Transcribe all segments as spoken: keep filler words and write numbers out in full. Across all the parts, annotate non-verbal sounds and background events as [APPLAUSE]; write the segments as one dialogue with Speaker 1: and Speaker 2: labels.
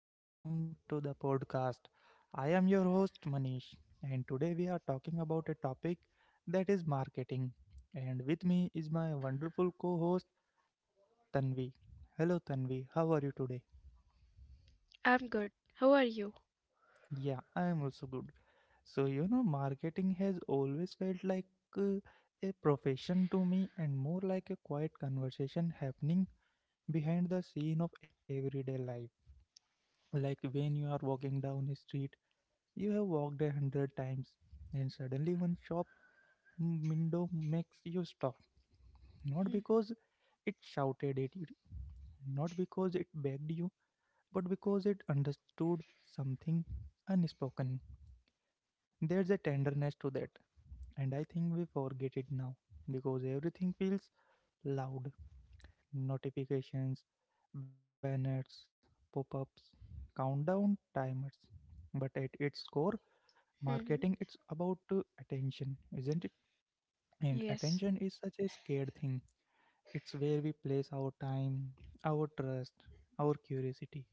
Speaker 1: and welcome to the podcast. I am your host, Manish, and today we are talking about a topic that is marketing. And with me is my wonderful co host, Tanvi. Hello, Tanvi, how are you today?
Speaker 2: I'm good. How are you?
Speaker 1: Yeah, I am also good. So, you know, marketing has always felt like uh, a profession to me and more like a quiet conversation happening behind the scene of everyday life, like when you are walking down a street you have walked a hundred times and suddenly one shop m- window makes you stop, not
Speaker 2: Mm-hmm.
Speaker 1: because it shouted at you, not because it begged you, but because it understood something unspoken. There's a tenderness to that, and I think we forget it now because everything feels loud. Notifications, banners, pop ups, countdown timers. But at its core, marketing it's
Speaker 2: Mm-hmm.
Speaker 1: about uh, attention, isn't it? And
Speaker 2: Yes.
Speaker 1: attention is such a scared thing. It's where we place our time, our trust, our curiosity.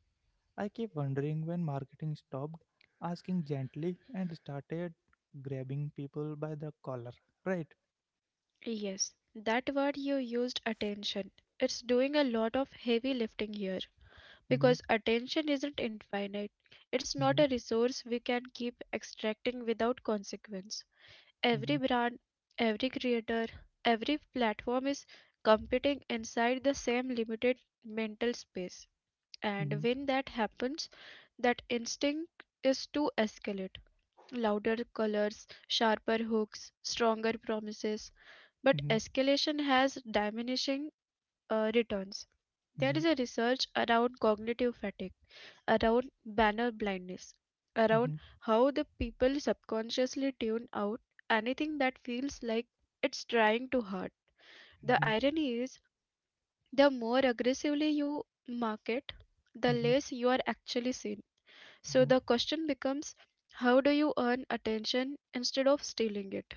Speaker 1: I keep wondering when marketing stopped asking gently and started grabbing people by the collar, right?
Speaker 2: Yes. That word you used, attention. It's doing a lot of heavy lifting here because
Speaker 1: Mm-hmm,
Speaker 2: attention isn't infinite. It's not a
Speaker 1: mm-hmm,
Speaker 2: resource we can keep extracting without consequence. Every brand, every creator, every platform is competing inside the same limited mental space.
Speaker 1: mm-hmm,
Speaker 2: And when that happens, that instinct is to escalate. Louder colors, sharper hooks, stronger promises, but
Speaker 1: mm-hmm, mm-hmm,
Speaker 2: escalation has diminishing uh, returns. There
Speaker 1: mm-hmm,
Speaker 2: is a research around cognitive fatigue, around banner blindness,
Speaker 1: mm-hmm,
Speaker 2: around how the people subconsciously tune out anything that feels like it's trying too hard. The
Speaker 1: mm-hmm,
Speaker 2: irony is, the more aggressively you market, the
Speaker 1: mm-hmm.
Speaker 2: less you are actually seen. So the question becomes, how do you earn attention instead of stealing it?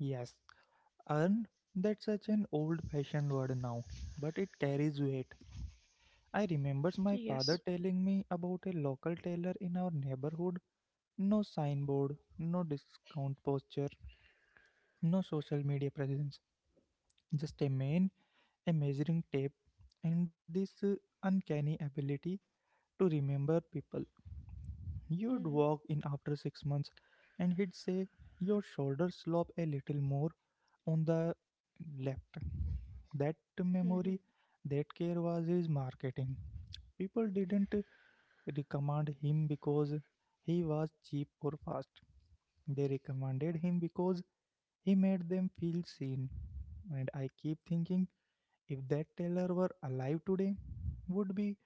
Speaker 1: Yes, earn, that's such an old fashioned word now, but it carries weight. I remembers my
Speaker 2: Yes.
Speaker 1: father telling me about a local tailor in our neighborhood. No signboard, no discount posture, no social media presence, just a man, a measuring tape, and this uh, uncanny ability to remember people. You'd
Speaker 2: Mhm,
Speaker 1: walk in after six months and he'd say, your shoulders slope a little more on the left. That
Speaker 2: mhm,
Speaker 1: memory, that care was his marketing. People didn't recommend him because he was cheap or fast. They recommended him because he made them feel seen. And I keep thinking, if that teller were alive today, would be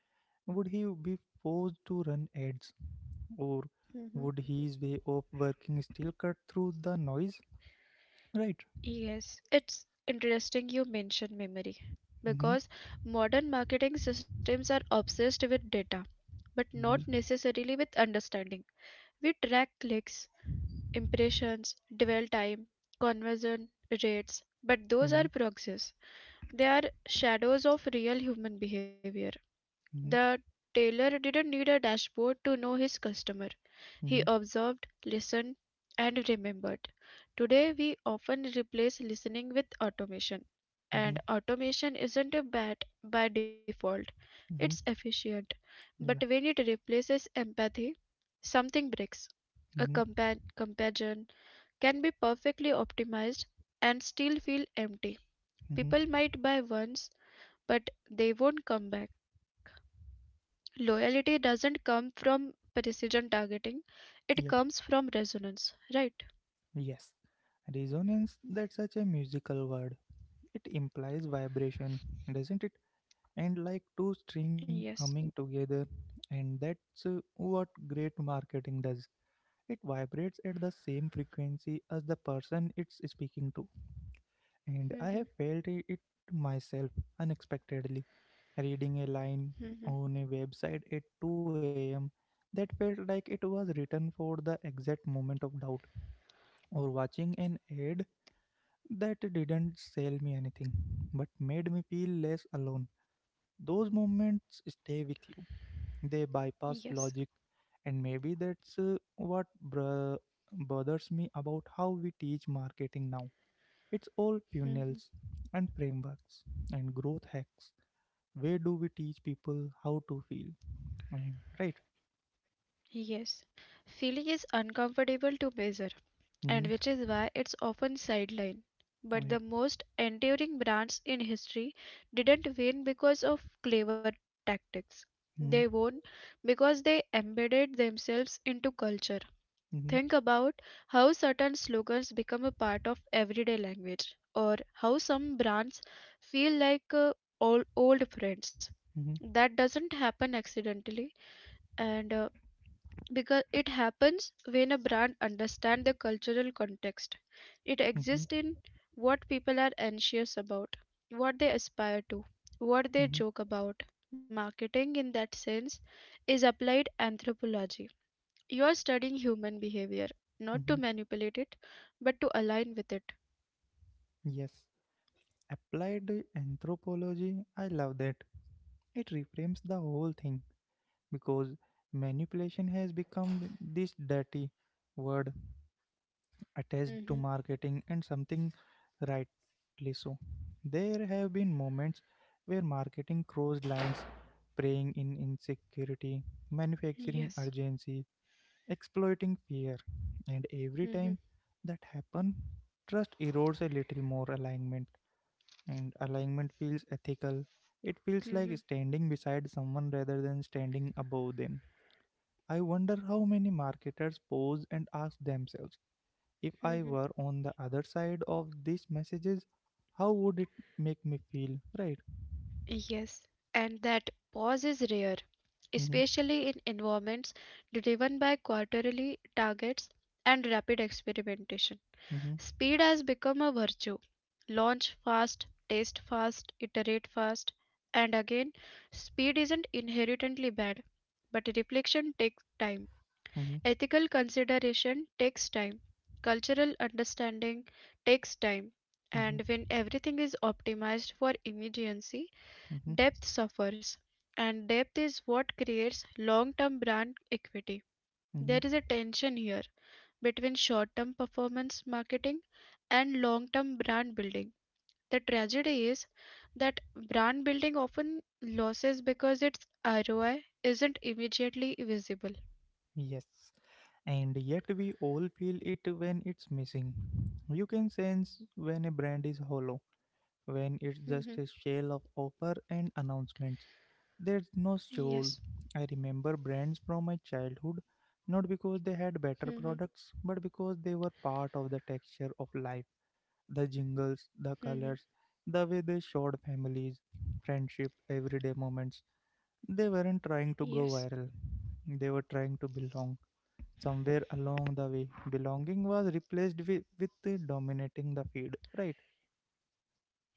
Speaker 1: would he be forced to run ads? Or
Speaker 2: mhm.
Speaker 1: would his way of working still cut through the noise? Right.
Speaker 2: Yes, it's interesting you mention memory,
Speaker 1: Mm-hmm.
Speaker 2: because modern marketing systems are obsessed with data, but not
Speaker 1: Mm-hmm.
Speaker 2: necessarily with understanding. We track clicks, impressions, dwell time, conversion rates, but those
Speaker 1: Mm-hmm.
Speaker 2: are proxies. They are shadows of real human behavior. The
Speaker 1: Mm-hmm.
Speaker 2: tailor didn't need a dashboard to know his customer. He
Speaker 1: Mm-hmm.
Speaker 2: observed, listened, and remembered. Today, we often replace listening with automation.
Speaker 1: Mm-hmm.
Speaker 2: And automation isn't a bad by default, it's
Speaker 1: Mm-hmm.
Speaker 2: efficient. But
Speaker 1: Yeah.
Speaker 2: when it replaces empathy, something breaks. A
Speaker 1: Mm-hmm.
Speaker 2: compa- companion can be perfectly optimized and still feel empty.
Speaker 1: Mm-hmm.
Speaker 2: People might buy once, but they won't come back. Loyalty doesn't come from precision targeting, it comes
Speaker 1: Yeah.
Speaker 2: from resonance, right?
Speaker 1: Yes. Resonance, that's such a musical word. It implies vibration, doesn't it? And like two
Speaker 2: Yes.
Speaker 1: strings humming together. And that's uh, what great marketing does. It vibrates at the same frequency as the person it's speaking to. And I
Speaker 2: Mm-hmm.
Speaker 1: have felt i- it myself unexpectedly. Reading a line
Speaker 2: Mm-hmm.
Speaker 1: on a website at two a m that felt like it was written for the exact moment of doubt, or watching an ad that didn't sell me anything but made me feel less alone. Those moments stay with you, they bypass
Speaker 2: Yes.
Speaker 1: logic, and maybe that's uh, what br- bothers me about how we teach marketing now. It's all
Speaker 2: Mm-hmm.
Speaker 1: funnels and frameworks and growth hacks. Where do we teach people how to feel? And- Right?
Speaker 2: Yes. Feeling is uncomfortable to measure, and
Speaker 1: Mm-hmm.
Speaker 2: which is why it's often sidelined.
Speaker 1: Oh,
Speaker 2: But the
Speaker 1: yeah.
Speaker 2: most enduring brands in history didn't win because of clever tactics. They
Speaker 1: Mm-hmm.
Speaker 2: won because they embedded themselves into culture.
Speaker 1: Mm-hmm.
Speaker 2: Think about how certain slogans become a part of everyday language, or how some brands feel like uh, old, old friends.
Speaker 1: Mm-hmm.
Speaker 2: That doesn't happen accidentally, and uh, because it happens when a brand understands the cultural context. It
Speaker 1: Mm-hmm.
Speaker 2: exists in what people are anxious about, what they aspire to, what they
Speaker 1: Mm-hmm.
Speaker 2: joke about. Marketing, in that sense, is applied anthropology. You are studying human behavior, not to
Speaker 1: Mm-hmm.
Speaker 2: manipulate it, but to align with it.
Speaker 1: Yes. Applied anthropology. I love that. It reframes the whole thing because manipulation has become this dirty word attached to
Speaker 2: Hmm.
Speaker 1: marketing, and something rightly so. There have been moments where marketing crossed lines, preying in insecurity, manufacturing
Speaker 2: Yes.
Speaker 1: urgency, exploiting fear, and every
Speaker 2: Hmm.
Speaker 1: time that happens, trust erodes a little more alignment, and alignment feels ethical. It feels
Speaker 2: Hmm.
Speaker 1: like standing beside someone rather than standing above them. I wonder how many marketers pause and ask themselves, if I
Speaker 2: Hmm.
Speaker 1: were on the other side of these messages, how would it make me feel? Right?
Speaker 2: Yes. And that pause is rare,
Speaker 1: Mm-hmm,
Speaker 2: especially in environments driven by quarterly targets and rapid experimentation.
Speaker 1: mm-hmm,
Speaker 2: Speed has become a virtue. Launch fast, test fast, iterate fast. And again, speed isn't inherently bad, but reflection takes time.
Speaker 1: mm-hmm,
Speaker 2: Ethical consideration takes time, cultural understanding takes time,
Speaker 1: mm-hmm,
Speaker 2: and when everything is optimized for immediacy,
Speaker 1: mm-hmm,
Speaker 2: depth suffers. And depth is what creates long term brand equity. There
Speaker 1: mm-hmm.
Speaker 2: is a tension here between short term performance marketing and long term brand building. The tragedy is that brand building often loses because its R O I isn't immediately visible.
Speaker 1: Yes. And yet we all feel it when it's missing. You can sense when a brand is hollow, when it's just
Speaker 2: Mhm.
Speaker 1: a shell of offer and announcements. There's no soul.
Speaker 2: Yes.
Speaker 1: I remember brands from my childhood, not because they had better
Speaker 2: Mhm.
Speaker 1: products, but because they were part of the texture of life, the jingles, the
Speaker 2: Hmm.
Speaker 1: colors, the way they showed families, friendship, everyday moments. They weren't trying to go
Speaker 2: Yes,
Speaker 1: viral, they were trying to belong. Somewhere along the way, belonging was replaced with, with uh, dominating the feed, right?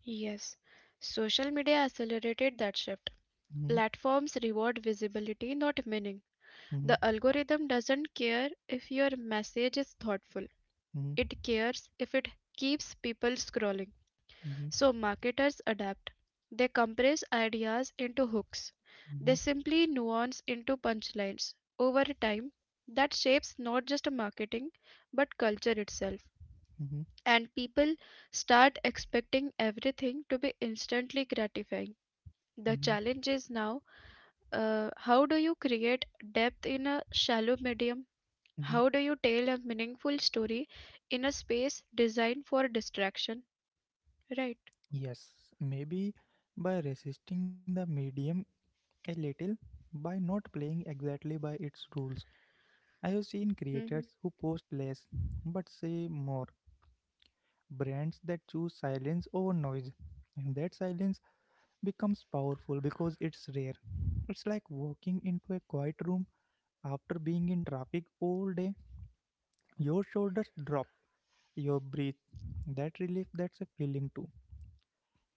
Speaker 2: yes. Social media accelerated that shift.
Speaker 1: Hmm.
Speaker 2: Platforms reward visibility, not meaning.
Speaker 1: Hmm.
Speaker 2: The algorithm doesn't care if your message is thoughtful,
Speaker 1: Hmm.
Speaker 2: it cares if it keeps people scrolling.
Speaker 1: Hmm.
Speaker 2: So, marketers adapt. They compress ideas into hooks, they
Speaker 1: Hmm.
Speaker 2: simply nuance into punchlines. Over time, that shapes not just marketing but culture itself.
Speaker 1: Hmm.
Speaker 2: And people start expecting everything to be instantly gratifying. The
Speaker 1: Hmm.
Speaker 2: challenge is now, uh, how do you create depth in a shallow medium?
Speaker 1: Hmm.
Speaker 2: How do you tell a meaningful story in a space designed for distraction? Right.
Speaker 1: Yes, maybe by resisting the medium a little, by not playing exactly by its rules. I have seen creators
Speaker 2: Hmm.
Speaker 1: who post less but say more, brands that choose silence over noise. And that silence becomes powerful because it's rare. It's like walking into a quiet room after being in traffic all day. Your shoulders drop, your breathe. That relief, that's a feeling too.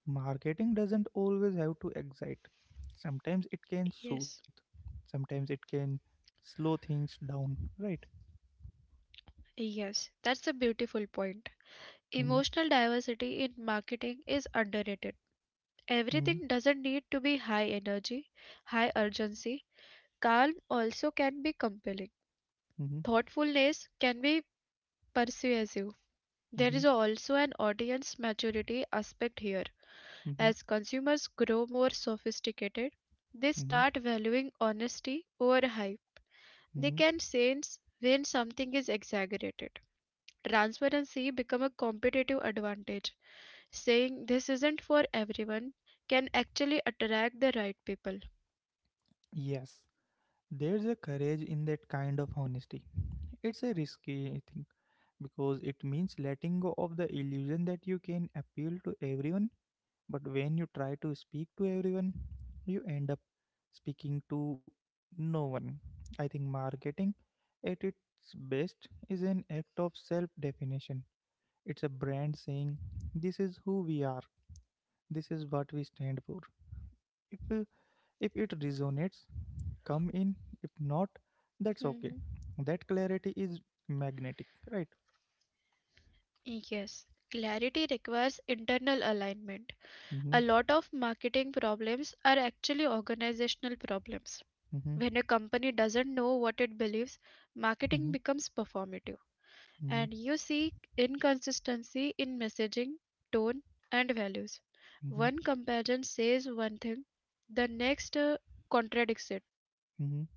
Speaker 1: Marketing doesn't always have to excite. Sometimes it can soothe,
Speaker 2: Yes.
Speaker 1: sometimes it can slow things down, right?
Speaker 2: Yes. That's a beautiful point.
Speaker 1: Mm-hmm,
Speaker 2: Emotional diversity in marketing is underrated.
Speaker 1: mm-hmm,
Speaker 2: Everything doesn't need to be high energy, high urgency. Calm also can be compelling.
Speaker 1: mm-hmm,
Speaker 2: Thoughtfulness can be persuasive. There
Speaker 1: mm-hmm.
Speaker 2: is also an audience maturity aspect here.
Speaker 1: Mm-hmm.
Speaker 2: As consumers grow more sophisticated, they
Speaker 1: Mm-hmm.
Speaker 2: start valuing honesty over hype. They
Speaker 1: Mm-hmm.
Speaker 2: can sense when something is exaggerated. Transparency becomes a competitive advantage. Saying this isn't for everyone can actually attract the right people.
Speaker 1: Yes, there's a courage in that kind of honesty. It's a risky thing because it means letting go of the illusion that you can appeal to everyone. But when you try to speak to everyone, you end up speaking to no one. I think marketing at its best is an act of self definition. It's a brand saying, this is who we are, this is what we stand for. If, uh, if it resonates, come in, if not, that's okay.
Speaker 2: Mhm.
Speaker 1: That clarity is magnetic, right?
Speaker 2: Yes, clarity requires internal alignment. A
Speaker 1: Mm-hmm,
Speaker 2: lot of marketing problems are actually organizational problems.
Speaker 1: mm-hmm,
Speaker 2: When a company doesn't know what it believes, marketing
Speaker 1: mm-hmm,
Speaker 2: becomes performative.
Speaker 1: mm-hmm,
Speaker 2: And you see inconsistency in messaging, tone, and values.
Speaker 1: mm-hmm,
Speaker 2: One comparison says one thing, the next uh, contradicts it.
Speaker 1: mm-hmm,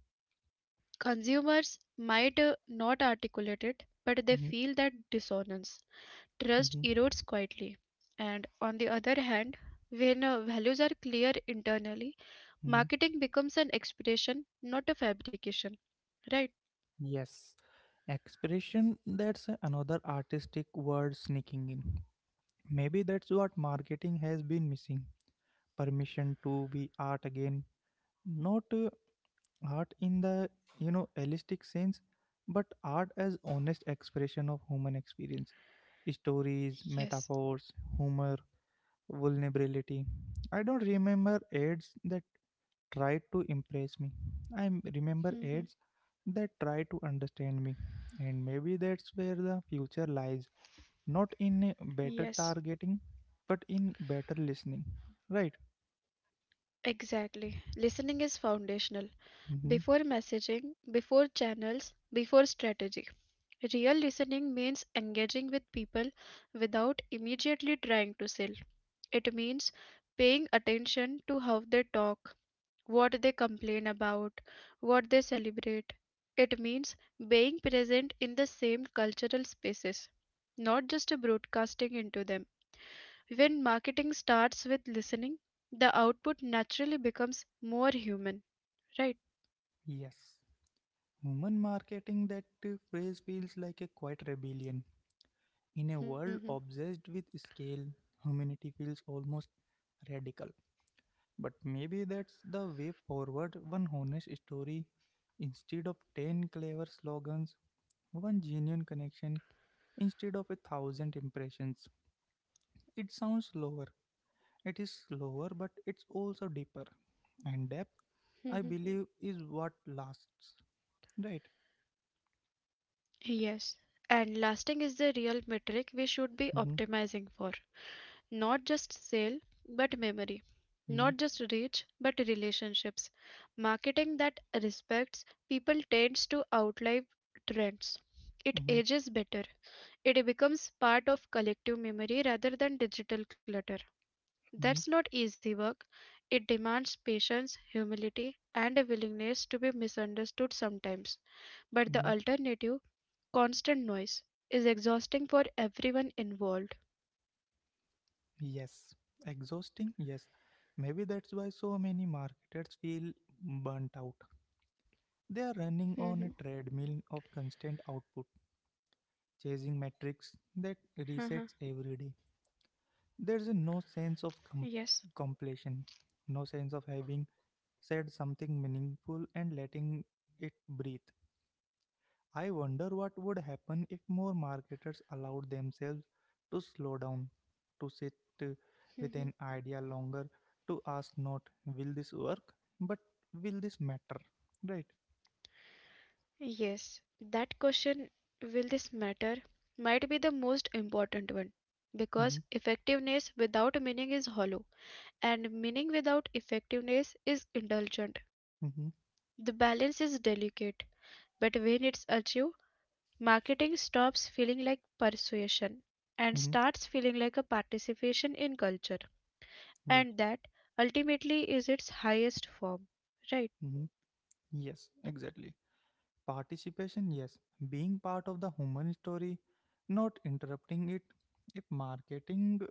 Speaker 2: Consumers might uh, not articulate it, but they
Speaker 1: mm-hmm,
Speaker 2: feel that dissonance.
Speaker 1: mm-hmm,
Speaker 2: Trust erodes quietly. And on the other hand, when uh, values are clear internally,
Speaker 1: mm-hmm.
Speaker 2: marketing becomes an expression, not a fabrication, right?
Speaker 1: Yes. Expression, that's another artistic word sneaking in. Maybe that's what marketing has been missing, permission to be art again. Not uh, art in the you know holistic sense, but art as honest expression of human experience. Stories,
Speaker 2: Yes.
Speaker 1: metaphors, humor, vulnerability. I don't remember ads that tried to impress me. I m- remember
Speaker 2: Hmm.
Speaker 1: ads that try to understand me. And maybe that's where the future lies. Not in a better
Speaker 2: Yes,
Speaker 1: targeting, but in better listening. Right?
Speaker 2: exactly. Listening is foundational.
Speaker 1: Hmm.
Speaker 2: Before messaging, before channels, before strategy. Real listening means engaging with people without immediately trying to sell. It means paying attention to how they talk, what they complain about, what they celebrate. It means being present in the same cultural spaces, not just broadcasting into them. When marketing starts with listening, the output naturally becomes more human, right?
Speaker 1: Yes. Human marketing, that uh, phrase feels like a quiet rebellion. In a
Speaker 2: Mhm,
Speaker 1: world obsessed with scale, humanity feels almost radical. But maybe that's the way forward, one honest story instead of ten clever slogans, one genuine connection instead of a thousand impressions. It sounds slower. It is slower, but it's also deeper. And depth,
Speaker 2: mhm.
Speaker 1: I believe, is what lasts. Right?
Speaker 2: Yes. And lasting is the real metric we should be
Speaker 1: Mm-hmm,
Speaker 2: optimizing for. Not just sale, but memory.
Speaker 1: mm-hmm,
Speaker 2: Not just reach, but relationships. Marketing that respects people tends to outlive trends. It
Speaker 1: mm-hmm,
Speaker 2: ages better. It becomes part of collective memory rather than digital clutter.
Speaker 1: mm-hmm,
Speaker 2: That's not easy work. It demands patience, humility, and a willingness to be misunderstood sometimes.
Speaker 1: mm-hmm.
Speaker 2: But the alternative, constant noise, is exhausting for everyone involved.
Speaker 1: Yes. Exhausting? Yes. Maybe that's why so many marketers feel burnt out. They are running on a
Speaker 2: Mhm.
Speaker 1: treadmill of constant output, chasing metrics
Speaker 2: Uh-huh.
Speaker 1: that resets every day. There's no sense
Speaker 2: Yes.
Speaker 1: of com- completion, no sense of having said something meaningful and letting it breathe. I
Speaker 2: Mhm,
Speaker 1: wonder what would happen if more marketers allowed themselves to slow down, to sit uh, with
Speaker 2: mhm.
Speaker 1: an idea longer, to ask not will this work, but will this matter, right?
Speaker 2: Yes, that question, will this matter, might be the most important one,
Speaker 1: Mm-hmm,
Speaker 2: because effectiveness without meaning is hollow, and meaning without effectiveness is indulgent.
Speaker 1: mm-hmm,
Speaker 2: The balance is delicate, but when it's achieved, marketing stops feeling like persuasion
Speaker 1: mm-hmm,
Speaker 2: and starts feeling like a participation in culture,
Speaker 1: yeah.
Speaker 2: and that ultimately is its highest form, right?
Speaker 1: Mm-hmm. Yes, exactly. Participation, yes. Being part of the human story, not interrupting it. If marketing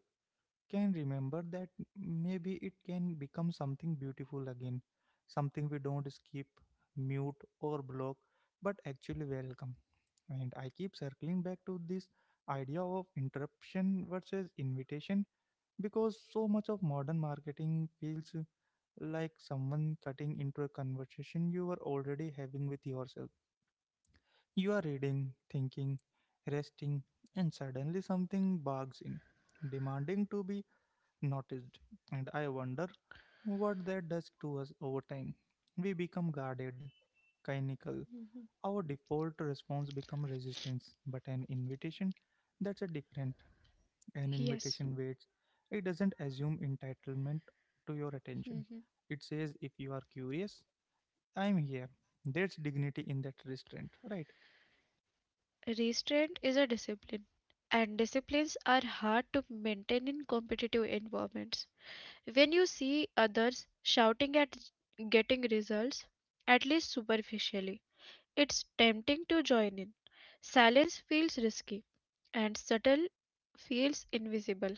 Speaker 1: can remember that, maybe it can become something beautiful again. Something we don't skip, mute, or block, but actually welcome. And I keep circling back to this idea of interruption versus invitation because so much of modern marketing feels like someone cutting into a conversation you were already having with yourself. You are reading, thinking, resting, and suddenly something barges in, demanding to be noticed. And I wonder what that does to us over time. We become guarded, clinical.
Speaker 2: Mhm.
Speaker 1: Our default response becomes resistance, but an invitation, that's a different. An
Speaker 2: Yes.
Speaker 1: invitation waits. It doesn't assume entitlement to your attention. It says, if you are curious, I'm here. There's dignity in that restraint, right?
Speaker 2: Restraint is a discipline, and disciplines are hard to maintain in competitive environments. When you see others shouting at getting results, at least superficially, it's tempting to join in. Silence feels risky, and subtle feels invisible.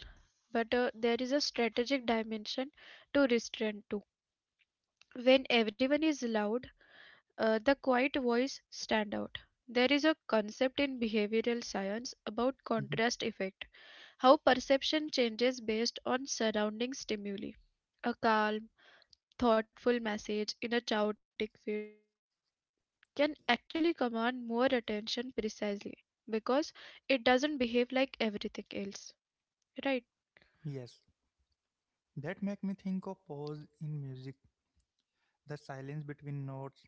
Speaker 2: But uh, there is a strategic dimension to restraint too. When everyone is loud, uh, the quiet voice stand out. There is a concept in behavioral science about
Speaker 1: Mhm.
Speaker 2: contrast effect, how perception changes based on surrounding stimuli. A calm, thoughtful message in a chaotic feed can actually command more attention precisely because it doesn't behave like everything else. Right?
Speaker 1: Yes. That make me think of pause in music, the silence between notes.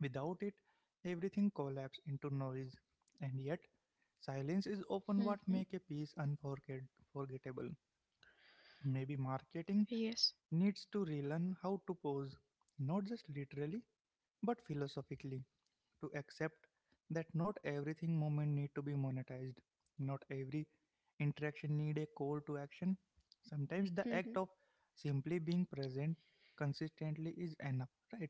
Speaker 1: Without it, everything collapses into noise. And yet,
Speaker 2: Hmm.
Speaker 1: silence is often what make a piece unforgettable.
Speaker 2: Yes.
Speaker 1: Maybe marketing needs to relearn how to pose, not just literally, but philosophically, to accept that not everything moment need to be monetized, not every interaction need a call to action. Sometimes the act of simply being present consistently is enough, right?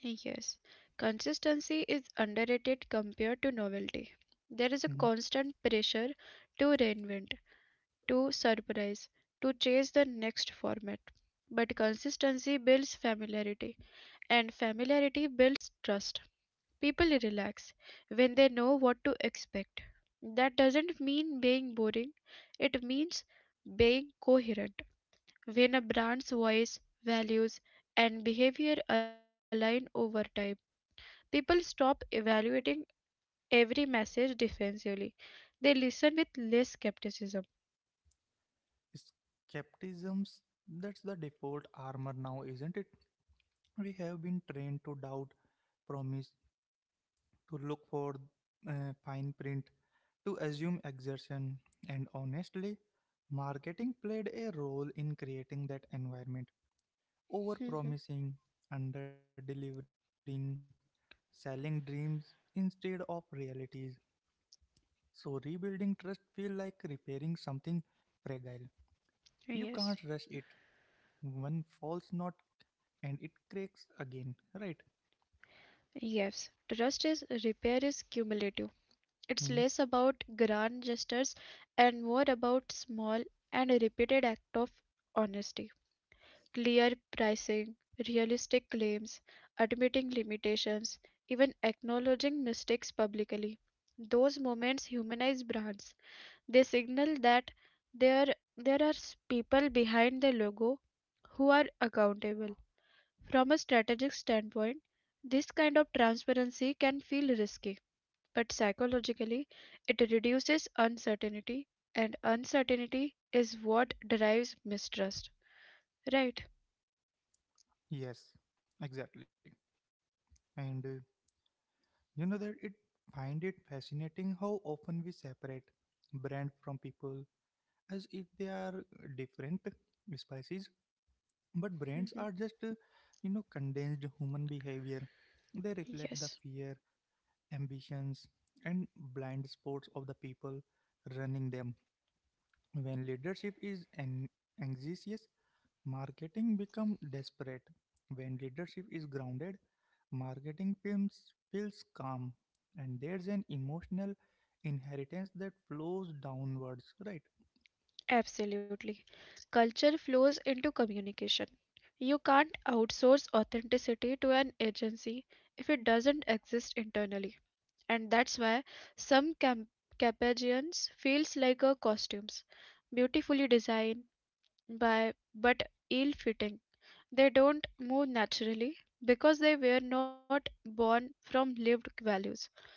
Speaker 2: Yes, consistency is underrated compared to novelty. There is a
Speaker 1: Mhm.
Speaker 2: constant pressure to reinvent, to surprise, to chase the next format. But consistency builds familiarity, and familiarity builds trust. People relax when they know what to expect. That doesn't mean being boring, it means being coherent. When a brand's voice, values, and behavior align over time, people stop evaluating every message defensively. They listen with less skepticism.
Speaker 1: Skepticisms, that's the default armor now, isn't it? We have been trained to doubt promise, to look for uh, fine print, to assume exertion, and honestly, marketing played a role in creating that environment. Over
Speaker 2: Mhm.
Speaker 1: promising, under delivering, selling dreams instead of realities. So rebuilding trust feels like repairing something fragile.
Speaker 2: Yes.
Speaker 1: You can't rush it. One false knot and it cracks again, right?
Speaker 2: Yes. Trust is repair is cumulative. It's less
Speaker 1: Hmm?
Speaker 2: about grand gestures and more about small and repeated act of honesty. Clear pricing, realistic claims, admitting limitations, even acknowledging mistakes publicly. Those moments humanize brands. They signal that there there are s- people behind the logo who are accountable. From a strategic standpoint, this kind of transparency can feel risky, but psychologically, it reduces uncertainty, and uncertainty is what drives mistrust. Right?
Speaker 1: Yes, exactly. And uh, you know that it find it fascinating how often we separate brand from people, as if they are uh, different species. But brands
Speaker 2: Hmm.
Speaker 1: are just uh, you know condensed human behavior. They reflect the
Speaker 2: Yes,
Speaker 1: fear, ambitions, and blind spots of the people running them. When leadership is an anxious, marketing becomes desperate. When leadership is grounded, marketing feels, feels calm, and there's an emotional inheritance that flows downwards, right?
Speaker 2: absolutely. Culture flows into communication. You can't outsource authenticity to an agency if it doesn't exist internally. And that's why some camp- capagians feels like a costumes, beautifully designed by but ill-fitting. They don't move naturally because they were not born from lived values.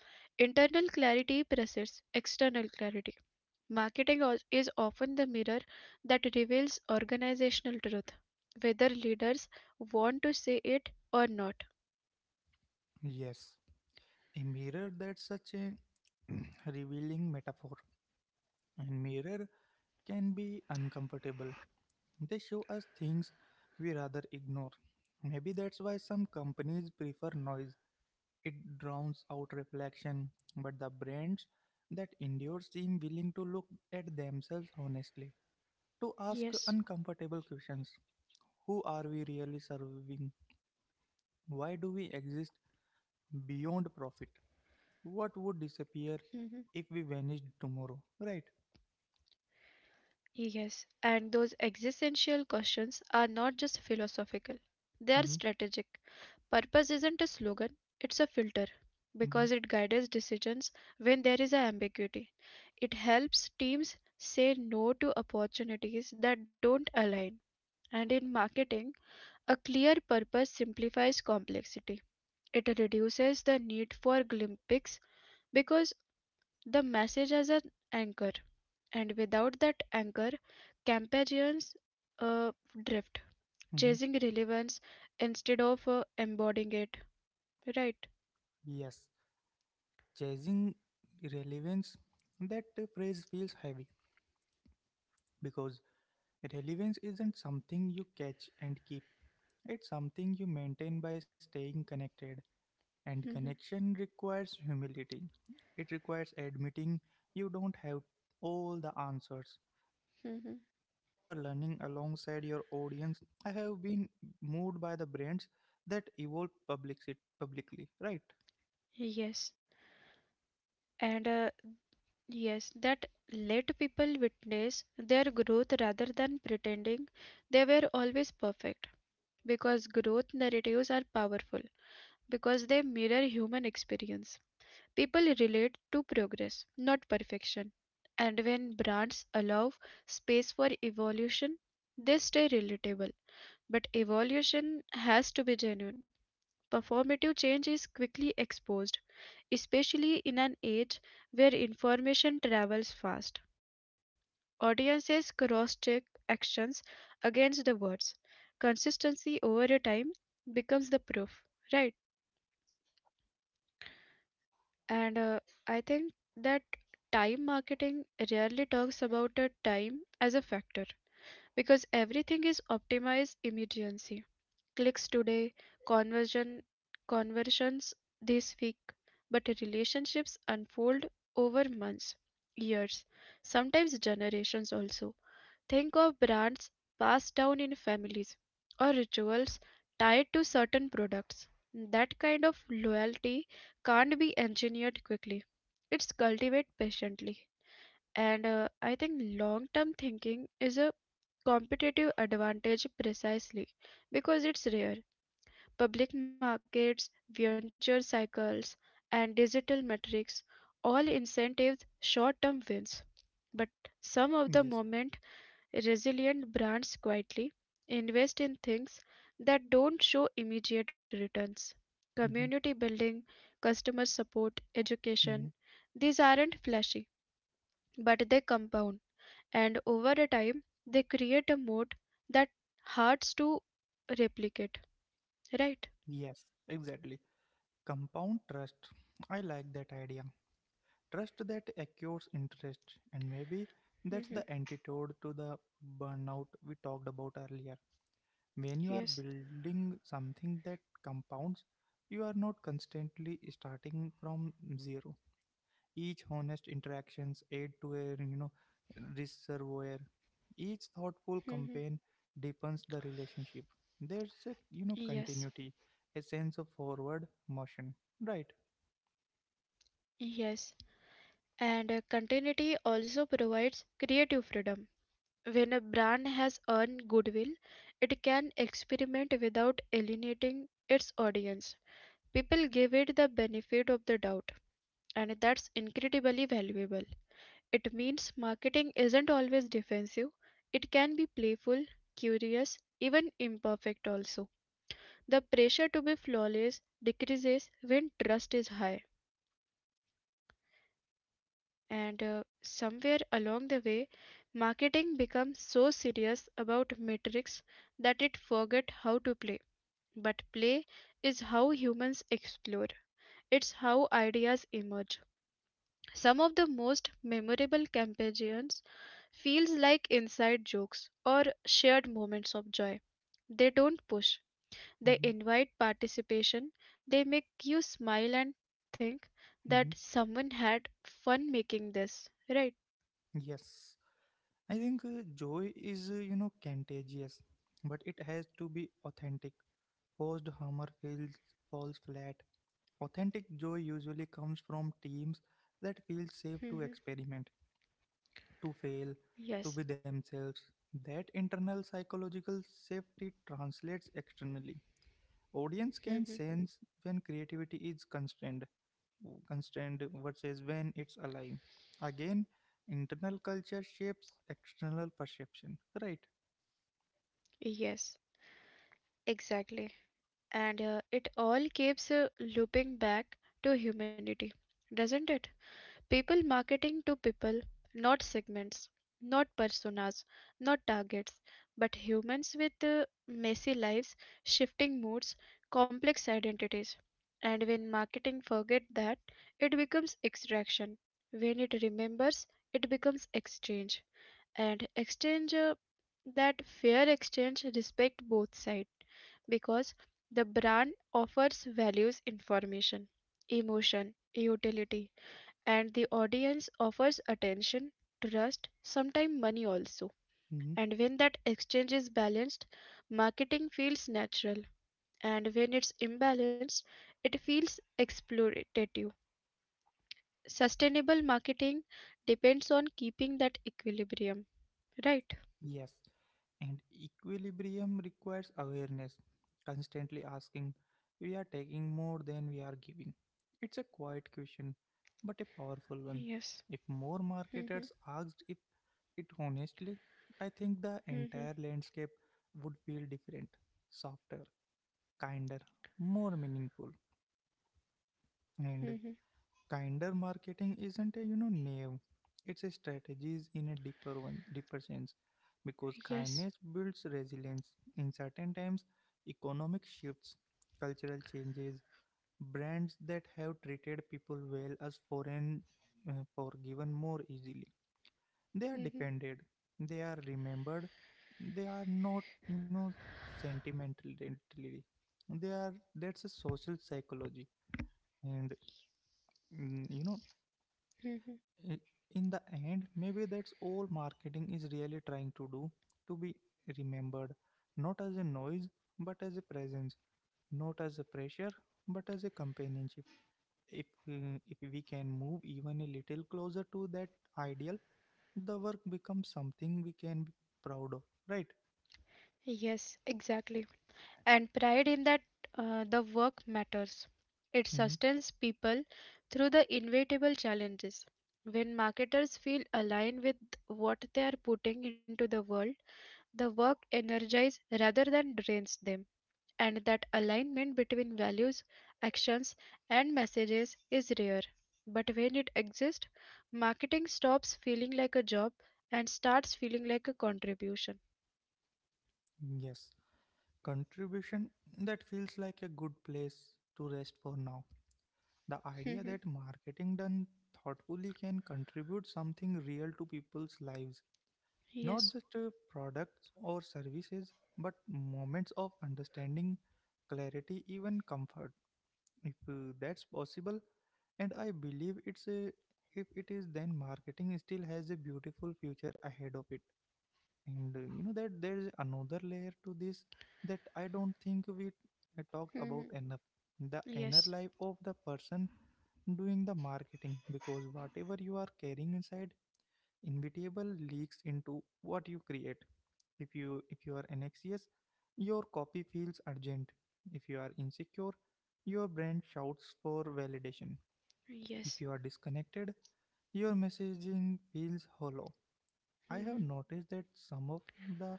Speaker 2: Internal clarity precedes external clarity. Marketing al- is often the mirror that reveals organizational truth, whether leaders want to see it or not.
Speaker 1: Yes. A mirror, that's such a [CLEARS THROAT] revealing metaphor. And mirror can be uncomfortable. They show us things we rather ignore. Maybe that's why some companies prefer noise. It drowns out reflection, but the brands that endure seem willing to look at themselves honestly, to ask
Speaker 2: Yes.
Speaker 1: uncomfortable questions. Who are we really serving? Why do we exist beyond profit? What would disappear if we vanished tomorrow? Right?
Speaker 2: Yes, and those existential questions are not just philosophical, they are strategic.
Speaker 1: Mm-hmm,
Speaker 2: Purpose isn't a slogan, it's a filter because it
Speaker 1: mm-hmm,
Speaker 2: guides decisions when there is a ambiguity. It helps teams say no to opportunities that don't align. And in marketing, a clear purpose simplifies complexity. It reduces the need for glimpses because the message has an anchor. And without that anchor, Campagans uh, drift,
Speaker 1: mm-hmm.
Speaker 2: chasing relevance instead of uh, embodying it. Right?
Speaker 1: Yes, chasing relevance, that uh, phrase feels heavy because relevance isn't something you catch and keep, it's something you maintain by staying connected. And
Speaker 2: Mhm,
Speaker 1: connection requires humility. It requires admitting you don't have all the answers, that you are
Speaker 2: mhm.
Speaker 1: learning alongside your audience. I have been moved by the brands that evolve publici- publicly, right?
Speaker 2: Yes. And uh, yes, that let people witness their growth rather than pretending they were always perfect. Because growth narratives are powerful, because they mirror human experience. People relate to progress, not perfection, and when brands allow space for evolution, they stay relatable. But evolution has to be genuine. Performative change is quickly exposed, especially in an age where information travels fast. Audiences cross check actions against the words. Consistency over a time becomes the proof, right? And uh, I think that time marketing rarely talks about the time as a factor because everything is optimized immediacy. Clicks today, conversion conversions this week, but relationships unfold over months, years, sometimes generations also. Think of brands passed down in families or rituals tied to certain products. That kind of loyalty can't be engineered quickly. It's cultivated patiently. And uh, I think long term thinking is a competitive advantage precisely because it's rare. Public markets, venture cycles, and digital metrics all incentives short term wins. But some of the
Speaker 1: Yes.
Speaker 2: moment. Resilient brands quietly invest in things that don't show immediate returns.
Speaker 1: Hmm.
Speaker 2: Community building, customer support,
Speaker 1: Hmm.
Speaker 2: education, these aren't flashy, but they compound. And over a time, they create a moat that hurts to replicate. Right?
Speaker 1: Yes, exactly. Compound trust. I like that idea. Trust that accrues interest, and maybe that's
Speaker 2: Hmm.
Speaker 1: the antidote to the burnout we talked about earlier. When you are
Speaker 2: Yes.
Speaker 1: building something that compounds, you are not constantly starting from zero. Each honest interactions aid to a you know reservoir. Each thoughtful
Speaker 2: Hmm.
Speaker 1: campaign deepens the relationship. There's a you know
Speaker 2: Yes.
Speaker 1: continuity, a sense of forward motion. Right.
Speaker 2: Yes. And uh, continuity also provides creative freedom. When a brand has earned goodwill, it can experiment without alienating its audience. People give it the benefit of the doubt, and that's incredibly valuable. It means marketing isn't always defensive, it can be playful, curious, even imperfect also. The pressure to be flawless decreases when trust is high. And uh, somewhere along the way, marketing becomes so serious about metrics that it forget how to play. But play is how humans explore. It's how ideas emerge. Some of the most memorable campaigns feels like inside jokes or shared moments of joy. They don't push. They
Speaker 1: Hmm.
Speaker 2: invite participation. They make you smile and think
Speaker 1: Hmm.
Speaker 2: that someone had fun making this, right?
Speaker 1: Yes. I think uh, joy is, uh, you know, contagious, but it has to be authentic. Post Hummer feels falls flat. Authentic joy usually comes from teams that feel safe to
Speaker 2: Mhm.
Speaker 1: experiment, to fail,
Speaker 2: Yes.
Speaker 1: to be themselves. That internal psychological safety translates externally. Audience can
Speaker 2: Mhm.
Speaker 1: sense when creativity is constrained, constrained versus when it's alive. Again, internal culture shapes external perception, right?
Speaker 2: Yes. Exactly. And uh, it all keeps uh, looping back to humanity, doesn't it? People marketing to people, not segments, not personas, not targets, but humans with uh, messy lives, shifting moods, complex identities. And when marketing forget that, it becomes extraction. When it remembers, it becomes exchange. And exchange, uh, that fair exchange respect both sides, because the brand offers values, information, emotion, utility, and the audience offers attention, trust, sometimes money also.
Speaker 1: Mm-hmm.
Speaker 2: And when that exchange is balanced, marketing feels natural, and when it's imbalanced, it feels exploitative. Sustainable marketing depends on keeping that equilibrium, right?
Speaker 1: Yes, and equilibrium requires awareness, constantly asking, we are taking more than we are giving. It's a quiet question, but a powerful one.
Speaker 2: Yes.
Speaker 1: If more
Speaker 2: Mhm,
Speaker 1: marketers asked if it honestly, I think the
Speaker 2: mhm,
Speaker 1: entire landscape would feel different, softer, kinder, more meaningful. And
Speaker 2: mhm.
Speaker 1: kinder marketing isn't a you know name, it's a strategies in a deeper one deeper sense, because
Speaker 2: Yes.
Speaker 1: kindness builds resilience in certain times, economic shifts, cultural changes. Brands that have treated people well as foreign uh, forgiven more easily, they are
Speaker 2: Mhm,
Speaker 1: defended, they are remembered, they are not you know sentimentally, they are, that's a social psychology. And mm, you know
Speaker 2: mhm.
Speaker 1: I- in the end, maybe that's all marketing is really trying to do, to be remembered, not as a noise, but as a presence, not as a pressure, but as a companionship. If, mm, if we can move even a little closer to that ideal, the work becomes something we can be proud of, right?
Speaker 2: Yes, exactly. And pride in that, uh, the work matters. It
Speaker 1: Hmm.
Speaker 2: sustains people through the inevitable challenges. When marketers feel aligned with what they are putting into the world, the work energizes rather than drains them. And that alignment between values, actions, and messages is rare. But when it exists, marketing stops feeling like a job and starts feeling like a contribution.
Speaker 1: Yes. Contribution, that feels like a good place to rest for now. The idea
Speaker 2: Mhm.
Speaker 1: that marketing done thoughtfully can contribute something real to people's lives, not
Speaker 2: Yes.
Speaker 1: just uh, products or services, but moments of understanding, clarity, even comfort. If uh, that's possible, and I believe, it's a if it is, then marketing still has a beautiful future ahead of it. And uh, you know that there is another layer to this that I don't think we uh, talked
Speaker 2: Mhm.
Speaker 1: about enough, the inner
Speaker 2: Yes.
Speaker 1: life of the person doing the marketing, because whatever you are carrying inside inevitable leaks into what you create. If you if you are anxious, your copy feels urgent. If you are insecure, your brand shouts for validation. If
Speaker 2: Yes.
Speaker 1: you are disconnected, your messaging feels hollow. I have
Speaker 2: Mhm.
Speaker 1: noticed that some of the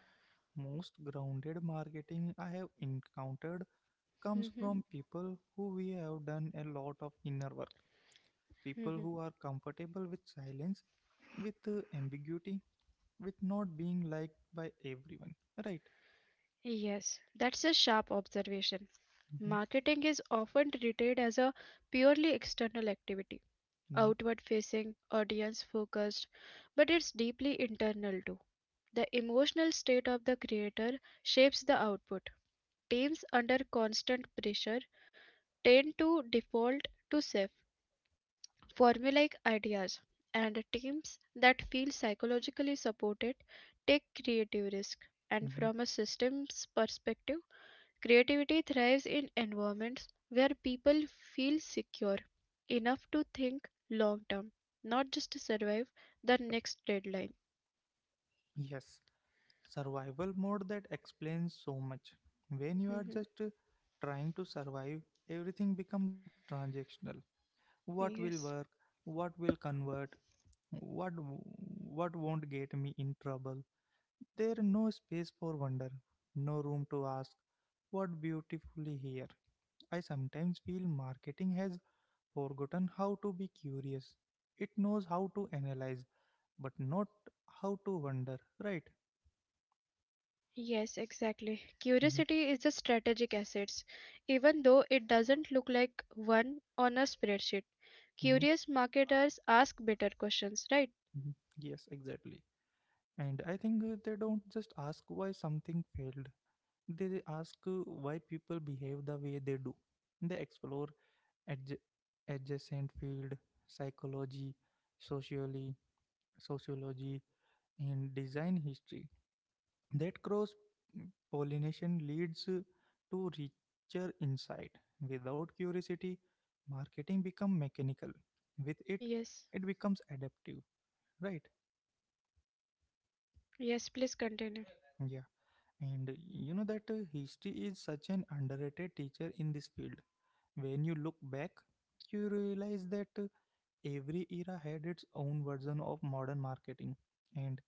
Speaker 1: most grounded marketing I have encountered comes
Speaker 2: Mhm.
Speaker 1: from people who we have done a lot of inner work, people
Speaker 2: Mhm.
Speaker 1: who are comfortable with silence, with uh, ambiguity, with not being liked by everyone, right?
Speaker 2: Yes. That's a sharp observation.
Speaker 1: Hmm.
Speaker 2: Marketing is often treated as a purely external activity,
Speaker 1: Hmm.
Speaker 2: outward facing, audience focused, but it's deeply internal too. The emotional state of the creator shapes the output. Teams under constant pressure tend to default to safe, formulaic ideas, and teams that feel psychologically supported take creative risk. And
Speaker 1: Hmm.
Speaker 2: from a systems perspective, creativity thrives in environments where people feel secure enough to think long term, not just to survive the next deadline.
Speaker 1: Yes, survival mode, that explains so much. When you are
Speaker 2: Mhm.
Speaker 1: just uh, trying to survive, everything becomes transactional. What will work?
Speaker 2: Yes.
Speaker 1: What will convert? What w- what won't get me in trouble? There no space for wonder, no room to ask what beautifully here. I sometimes feel marketing has forgotten how to be curious. It knows how to analyze, but not how to wonder, right?
Speaker 2: Yes, exactly.
Speaker 1: Hmm.
Speaker 2: Curiosity is a strategic asset, even though it doesn't look like one on a spreadsheet.
Speaker 1: Hmm.
Speaker 2: Curious marketers ask better questions, right?
Speaker 1: Hmm. Yes, exactly. And I think uh, they don't just ask why something failed, they ask uh, why people behave the way they do. They explore adj- adjacent field, psychology, socially sociology, and design history. That cross pollination leads to richer insight. Without curiosity, marketing become mechanical. With it,
Speaker 2: Yes.
Speaker 1: it becomes adaptive, right?
Speaker 2: Yes, please continue.
Speaker 1: Yeah. And you know that uh, history is such an underrated teacher in this field. When you look back, you realize that uh, every era had its own version of modern marketing, and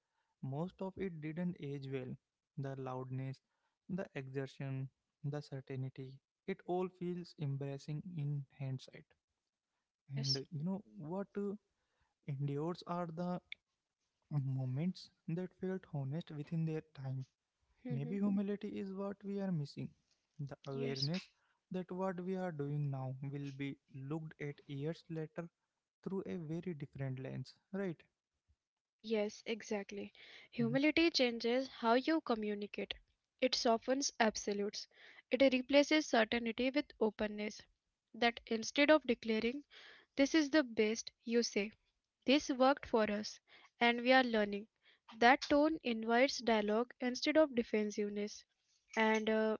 Speaker 1: most of it didn't age well. The loudness, the exertion, the certainty, it all feels embarrassing in hindsight. And uh,
Speaker 2: Yes.
Speaker 1: you know what uh, endures are the moments that felt honest within their time.
Speaker 2: Hmm.
Speaker 1: Maybe humility is what we are missing. The
Speaker 2: Yes.
Speaker 1: awareness that what we are doing now will be looked at years later through a very different lens, right?
Speaker 2: Yes, exactly.
Speaker 1: Mhm.
Speaker 2: Humility changes how you communicate. It softens absolutes. It replaces certainty with openness. That, instead of declaring, this is the best, you say, this worked for us, and we are learning. That tone invites dialogue instead of defensiveness. And uh,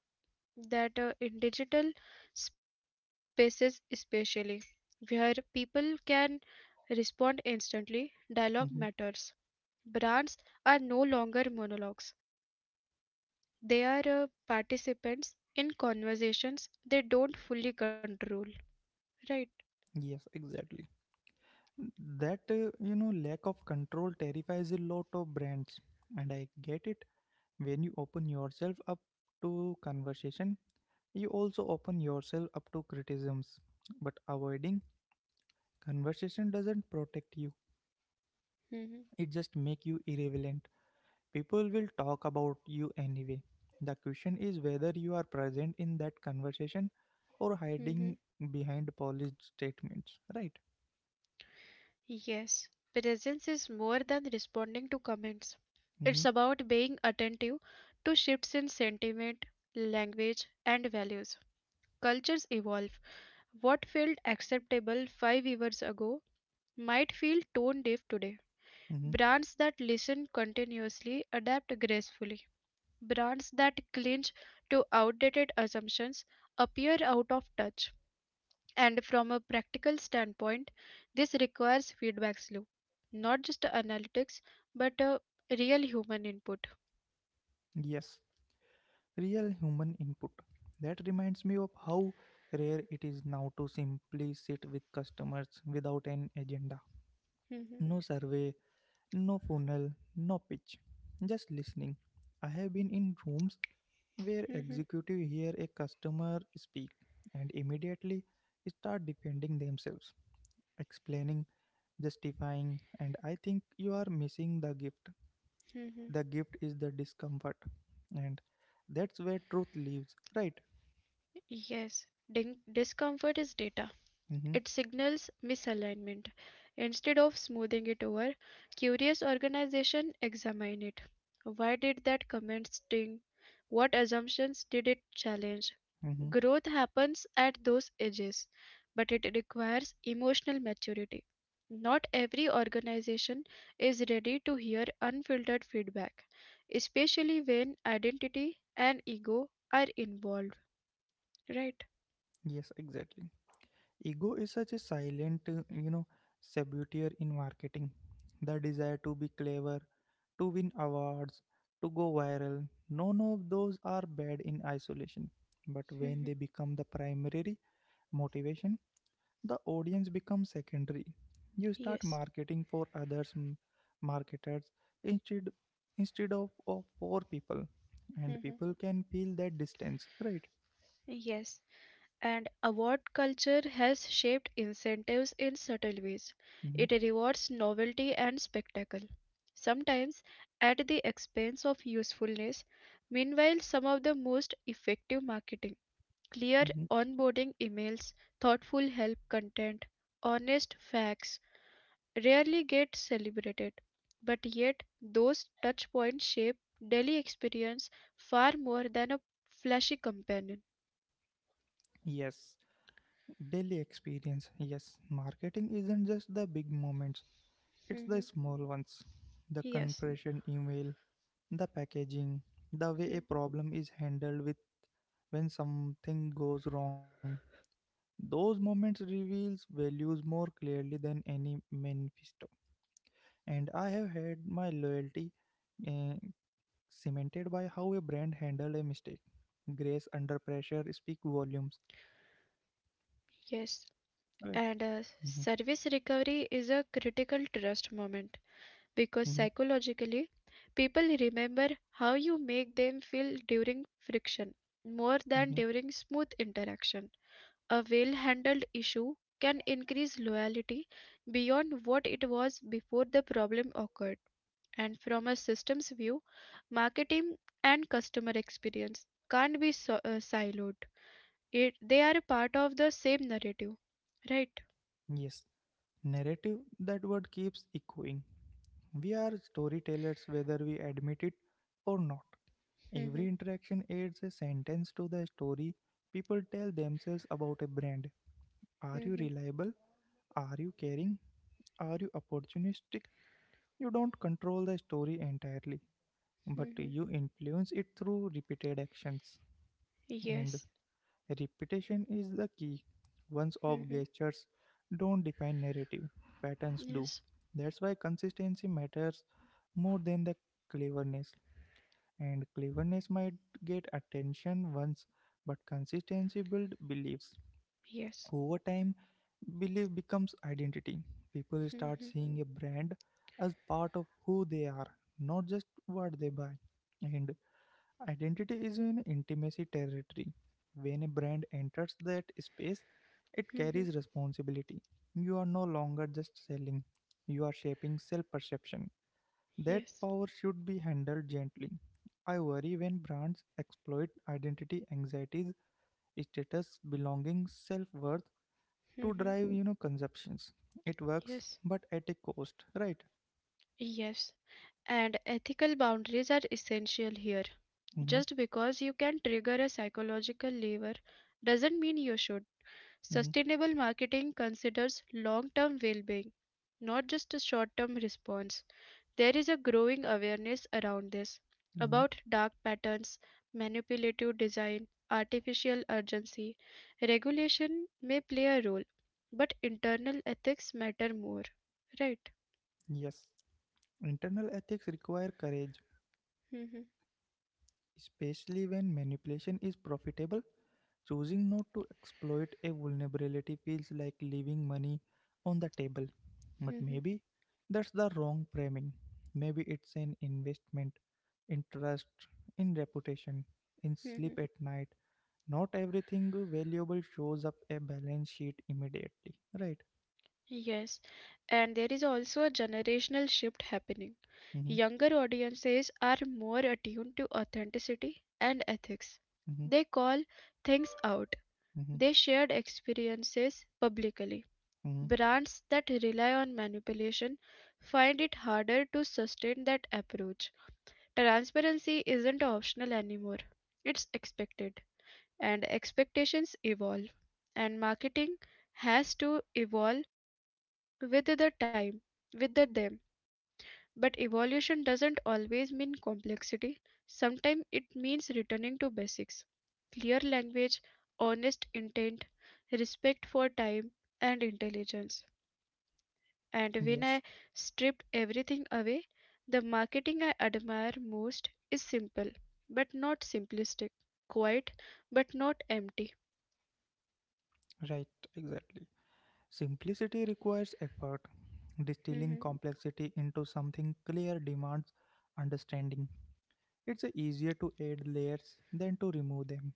Speaker 2: that, uh, in digital spaces, especially, where people can respond instantly, dialogue matters.
Speaker 1: Mhm.
Speaker 2: Brands are no longer monologues, they are uh, participants in conversations they don't fully control. Right?
Speaker 1: Yes, exactly. That, uh, you know, lack of control terrifies a lot of brands. And I get it. When you open yourself up to conversation, you also open yourself up to criticisms. But avoiding
Speaker 2: Yes.
Speaker 1: conversation doesn't protect you,
Speaker 2: Hmm.
Speaker 1: it just makes you irrelevant. People will talk about you anyway. The question is whether you are present in that conversation or hiding
Speaker 2: Hmm.
Speaker 1: behind polished statements, right?
Speaker 2: Yes. Presence is more than responding to comments,
Speaker 1: Mm-hmm.
Speaker 2: it's about being attentive to shifts in sentiment, language, and values. Cultures evolve. What felt acceptable five years ago might feel tone deaf today.
Speaker 1: Mm-hmm.
Speaker 2: Brands that listen continuously adapt gracefully. Brands that cling to outdated assumptions appear out of touch. And from a practical standpoint, this requires feedback loop, not just analytics, but a real human input.
Speaker 1: Yes, real human input. That reminds me of how rare it is now to simply sit with customers without an agenda.
Speaker 2: Mhm,
Speaker 1: No survey, no funnel, no pitch, just listening. I have been in rooms where
Speaker 2: mhm,
Speaker 1: executive hear a customer speak and immediately start defending themselves, explaining, justifying, and I think you are missing the gift.
Speaker 2: mhm.
Speaker 1: The gift is the discomfort, and that's where truth lives, right?
Speaker 2: Yes, din- discomfort is data.
Speaker 1: Mm-hmm.
Speaker 2: It signals misalignment. Instead of smoothing it over, curious organization examine it. Why did that comment sting? What assumptions did it challenge?
Speaker 1: Mm-hmm.
Speaker 2: Growth happens at those ages, but it requires emotional maturity. Not every organization is ready to hear unfiltered feedback, especially when identity and ego are involved, right?
Speaker 1: Yes, exactly. Ego is such a silent, uh, you know, saboteur in marketing. The desire to be clever, to win awards, to go viral. None of those are bad in isolation. But when
Speaker 2: Mhm.
Speaker 1: they become the primary motivation, the audience becomes secondary. You start
Speaker 2: Yes.
Speaker 1: marketing for others, m- marketers, instead instead of, of for people, and
Speaker 2: Mhm.
Speaker 1: people can feel that distance, right?
Speaker 2: Yes. And award culture has shaped incentives in subtle ways.
Speaker 1: Mm-hmm.
Speaker 2: It rewards novelty and spectacle, sometimes at the expense of usefulness. Meanwhile, some of the most effective marketing, clear
Speaker 1: Mm-hmm.
Speaker 2: onboarding emails, thoughtful help content, honest facts, rarely get celebrated. But yet, those touchpoints shape daily experience far more than a flashy companion.
Speaker 1: Yes. Daily experience. Yes, marketing isn't just the big moments, it's the
Speaker 2: Mhm.
Speaker 1: small ones. The
Speaker 2: Yes.
Speaker 1: conversion email, the packaging, the way a
Speaker 2: Mhm.
Speaker 1: problem is handled with when something goes wrong. Those moments reveals values more clearly than any manifesto. And I have had my loyalty uh, cemented by how a brand handled a mistake. Grace under pressure speak volumes.
Speaker 2: Yes,
Speaker 1: Right.
Speaker 2: and uh,
Speaker 1: Mm-hmm.
Speaker 2: service recovery is a critical trust moment
Speaker 1: Mm-hmm.
Speaker 2: because psychologically, people remember how you make them feel during friction more
Speaker 1: Mm-hmm.
Speaker 2: than during smooth interaction. A well handled issue can increase loyalty beyond what it was before the problem occurred. And from a systems view, marketing and customer experience can't be so- uh, siloed. It, they are part of the same narrative, right?
Speaker 1: Yes, narrative, that word keeps echoing. We are storytellers whether we admit it or not.
Speaker 2: Mhm.
Speaker 1: Every interaction adds a sentence to the story people tell themselves about a brand. Are you
Speaker 2: Mhm.
Speaker 1: reliable? Are you caring? Are you opportunistic? You don't control the story entirely, but
Speaker 2: Mhm.
Speaker 1: you influence it through repeated actions. And
Speaker 2: Yes.
Speaker 1: repetition is the key. Once off
Speaker 2: Mhm.
Speaker 1: gestures don't define narrative, patterns do.
Speaker 2: Yes.
Speaker 1: That's why consistency matters more than the cleverness. And cleverness might get attention once, but consistency builds beliefs.
Speaker 2: Yes.
Speaker 1: Over time, belief becomes identity. People start
Speaker 2: Mhm.
Speaker 1: seeing a brand as part of who they are, not just what they buy. And identity is an intimacy territory. When a brand enters that space, it
Speaker 2: Mhm.
Speaker 1: carries responsibility. You are no longer just selling, you are shaping self perception. That
Speaker 2: Yes.
Speaker 1: power should be handled gently. I worry when brands exploit identity anxieties, status, belonging, self worth to
Speaker 2: Mhm.
Speaker 1: drive, you know, consumptions. It works,
Speaker 2: Yes.
Speaker 1: but at a cost, right?
Speaker 2: Yes. And ethical boundaries are essential here.
Speaker 1: Mm-hmm.
Speaker 2: Just because you can trigger a psychological lever doesn't mean you should.
Speaker 1: Mm-hmm.
Speaker 2: Sustainable marketing considers long term well being, not just a short term response. There is a growing awareness around this
Speaker 1: Mm-hmm.
Speaker 2: about dark patterns, manipulative design, artificial urgency. Regulation may play a role, but internal ethics matter more. Right.
Speaker 1: Yes. Internal ethics require courage.
Speaker 2: Mhm,
Speaker 1: Especially when manipulation is profitable, choosing not to exploit a vulnerability feels like leaving money on the table. But
Speaker 2: mhm,
Speaker 1: maybe that's the wrong framing. Maybe it's an investment in trust, in reputation, in
Speaker 2: mhm.
Speaker 1: sleep at night. Not everything valuable shows up a balance sheet immediately, right?
Speaker 2: Yes, and there is also a generational shift happening.
Speaker 1: Mm-hmm.
Speaker 2: Younger audiences are more attuned to authenticity and ethics.
Speaker 1: Mm-hmm.
Speaker 2: They call things out.
Speaker 1: Mm-hmm.
Speaker 2: They shared experiences publicly.
Speaker 1: Mm-hmm.
Speaker 2: Brands that rely on manipulation find it harder to sustain that approach. Transparency isn't optional anymore, it's expected, and expectations evolve, and marketing has to evolve with the time, with the them. But evolution doesn't always mean complexity, sometimes it means returning to basics, clear language, honest intent, respect for time and intelligence. And when
Speaker 1: Yes,
Speaker 2: I stripped everything away, the marketing I admire most is simple but not simplistic, quiet but not empty.
Speaker 1: right, exactly. Simplicity requires effort. Distilling
Speaker 2: Mhm.
Speaker 1: complexity into something clear demands understanding. It's easier to add layers than to remove them.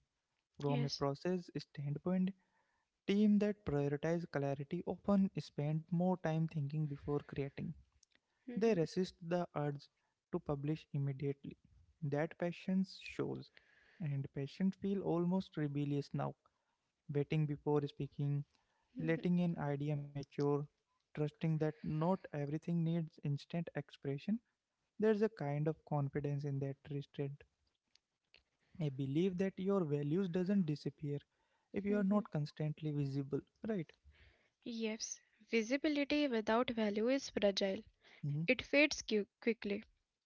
Speaker 1: From a
Speaker 2: Yes.
Speaker 1: process standpoint, teams that prioritize clarity often spend more time thinking before creating. They
Speaker 2: Mhm.
Speaker 1: resist the urge to publish immediately. That patience shows, and patients feel almost rebellious now, waiting before speaking,
Speaker 2: Mhm.
Speaker 1: letting an idea mature, trusting that not everything needs instant expression. There's a kind of confidence in that restraint, a belief that your values doesn't disappear if you are
Speaker 2: Mhm.
Speaker 1: not constantly visible, right?
Speaker 2: Yes, visibility without value is fragile.
Speaker 1: Hmm.
Speaker 2: It fades qui- quickly.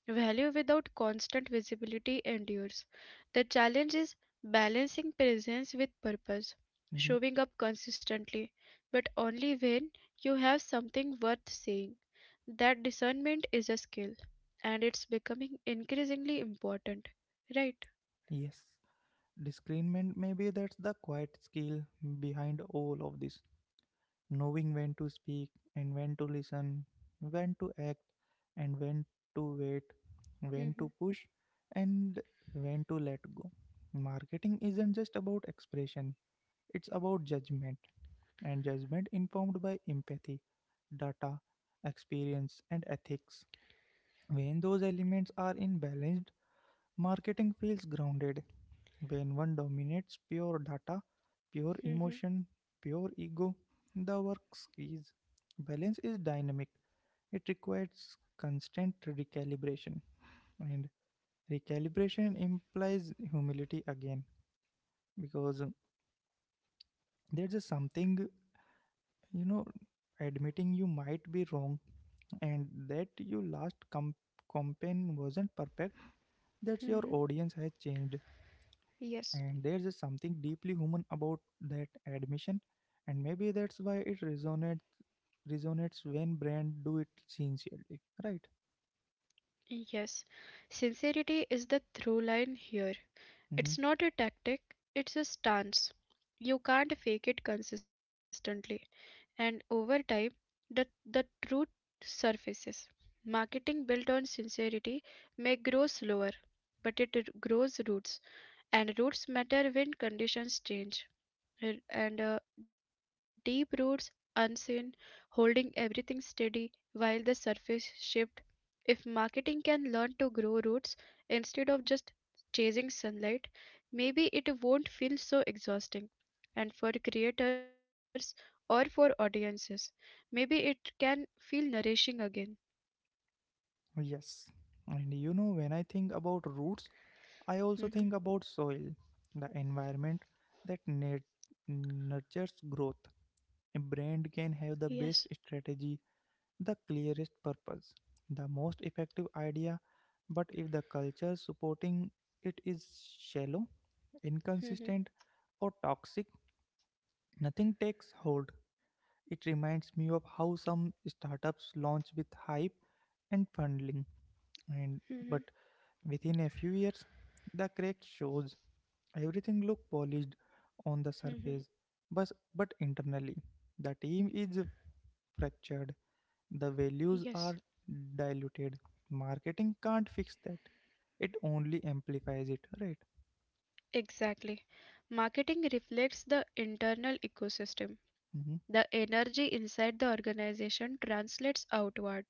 Speaker 2: Value without constant visibility endures. The challenge is balancing presence with purpose,
Speaker 1: Hmm.
Speaker 2: showing up consistently, but only when you have something worth saying. That discernment is a skill, and it's becoming increasingly important, right?
Speaker 1: Yes, discernment, maybe that's the quiet skill behind all of this. Knowing when to speak and when to listen, when to act and when to wait, when
Speaker 2: Mm-hmm,
Speaker 1: to push and when to let go. Marketing isn't just about expression, it's about judgment, and judgment informed by empathy, data, experience, and ethics. When those elements are in balance, marketing feels grounded. When one dominates, pure data, pure
Speaker 2: mm-hmm,
Speaker 1: emotion, pure ego, the work squeeze. Balance is dynamic. It requires constant recalibration, and recalibration implies humility again, because there's a something, you know admitting you might be wrong, and that your last com- campaign wasn't perfect. That your
Speaker 2: mm-hmm.
Speaker 1: audience has changed,
Speaker 2: Yes.
Speaker 1: and there's just something deeply human about that admission, and maybe that's why it resonates resonates when brand do it sincerely, right?
Speaker 2: Yes, sincerity is the through line here.
Speaker 1: Hmm.
Speaker 2: It's not a tactic, it's a stance. You can't fake it consistently, and over time, the, the truth surfaces. Marketing built on sincerity may grow slower, but it r- grows roots, and roots matter when conditions change. R- and uh, deep roots unseen, holding everything steady while the surface shift. If marketing can learn to grow roots instead of just chasing sunlight, maybe it won't feel so exhausting. And for creators or for audiences, maybe it can feel nourishing again.
Speaker 1: Yes. And you know when I think about roots, I also think about
Speaker 2: Hmm.
Speaker 1: soil, the environment that nat- nurtures growth. A brand can
Speaker 2: Yes.
Speaker 1: have the best strategy, the clearest purpose, the most effective idea. But if the culture supporting it is shallow,
Speaker 2: Hmm.
Speaker 1: inconsistent, or toxic, nothing takes hold. It reminds me of how some startups launch with hype and funding, and
Speaker 2: Hmm.
Speaker 1: but within a few years, the crack shows. Everything look polished on the
Speaker 2: Hmm.
Speaker 1: surface, but but internally, the team is fractured, the
Speaker 2: Yes.
Speaker 1: values are diluted. Marketing can't fix that. It only amplifies it, right?
Speaker 2: Exactly. Marketing reflects the internal ecosystem.
Speaker 1: Hmm.
Speaker 2: The energy inside the organization translates outward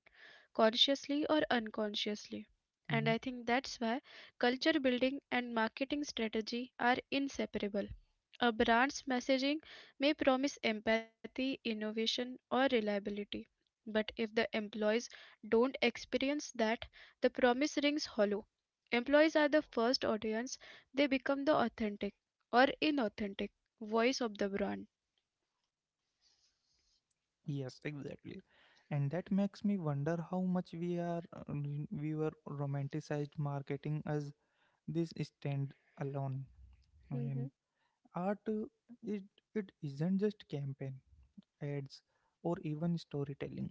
Speaker 2: consciously or unconsciously. And
Speaker 1: Hmm.
Speaker 2: I think that's why culture building and marketing strategy are inseparable. A brand's messaging may promise empathy, innovation, or reliability. But if the employees don't experience that, the promise rings hollow. Employees are the first audience, they become the authentic or inauthentic voice of the brand.
Speaker 1: Yes, exactly. And that makes me wonder how much we are uh, we we were romanticized marketing as this stand alone. And
Speaker 2: Hmm.
Speaker 1: art, uh, it, it isn't just campaign, ads, or even storytelling.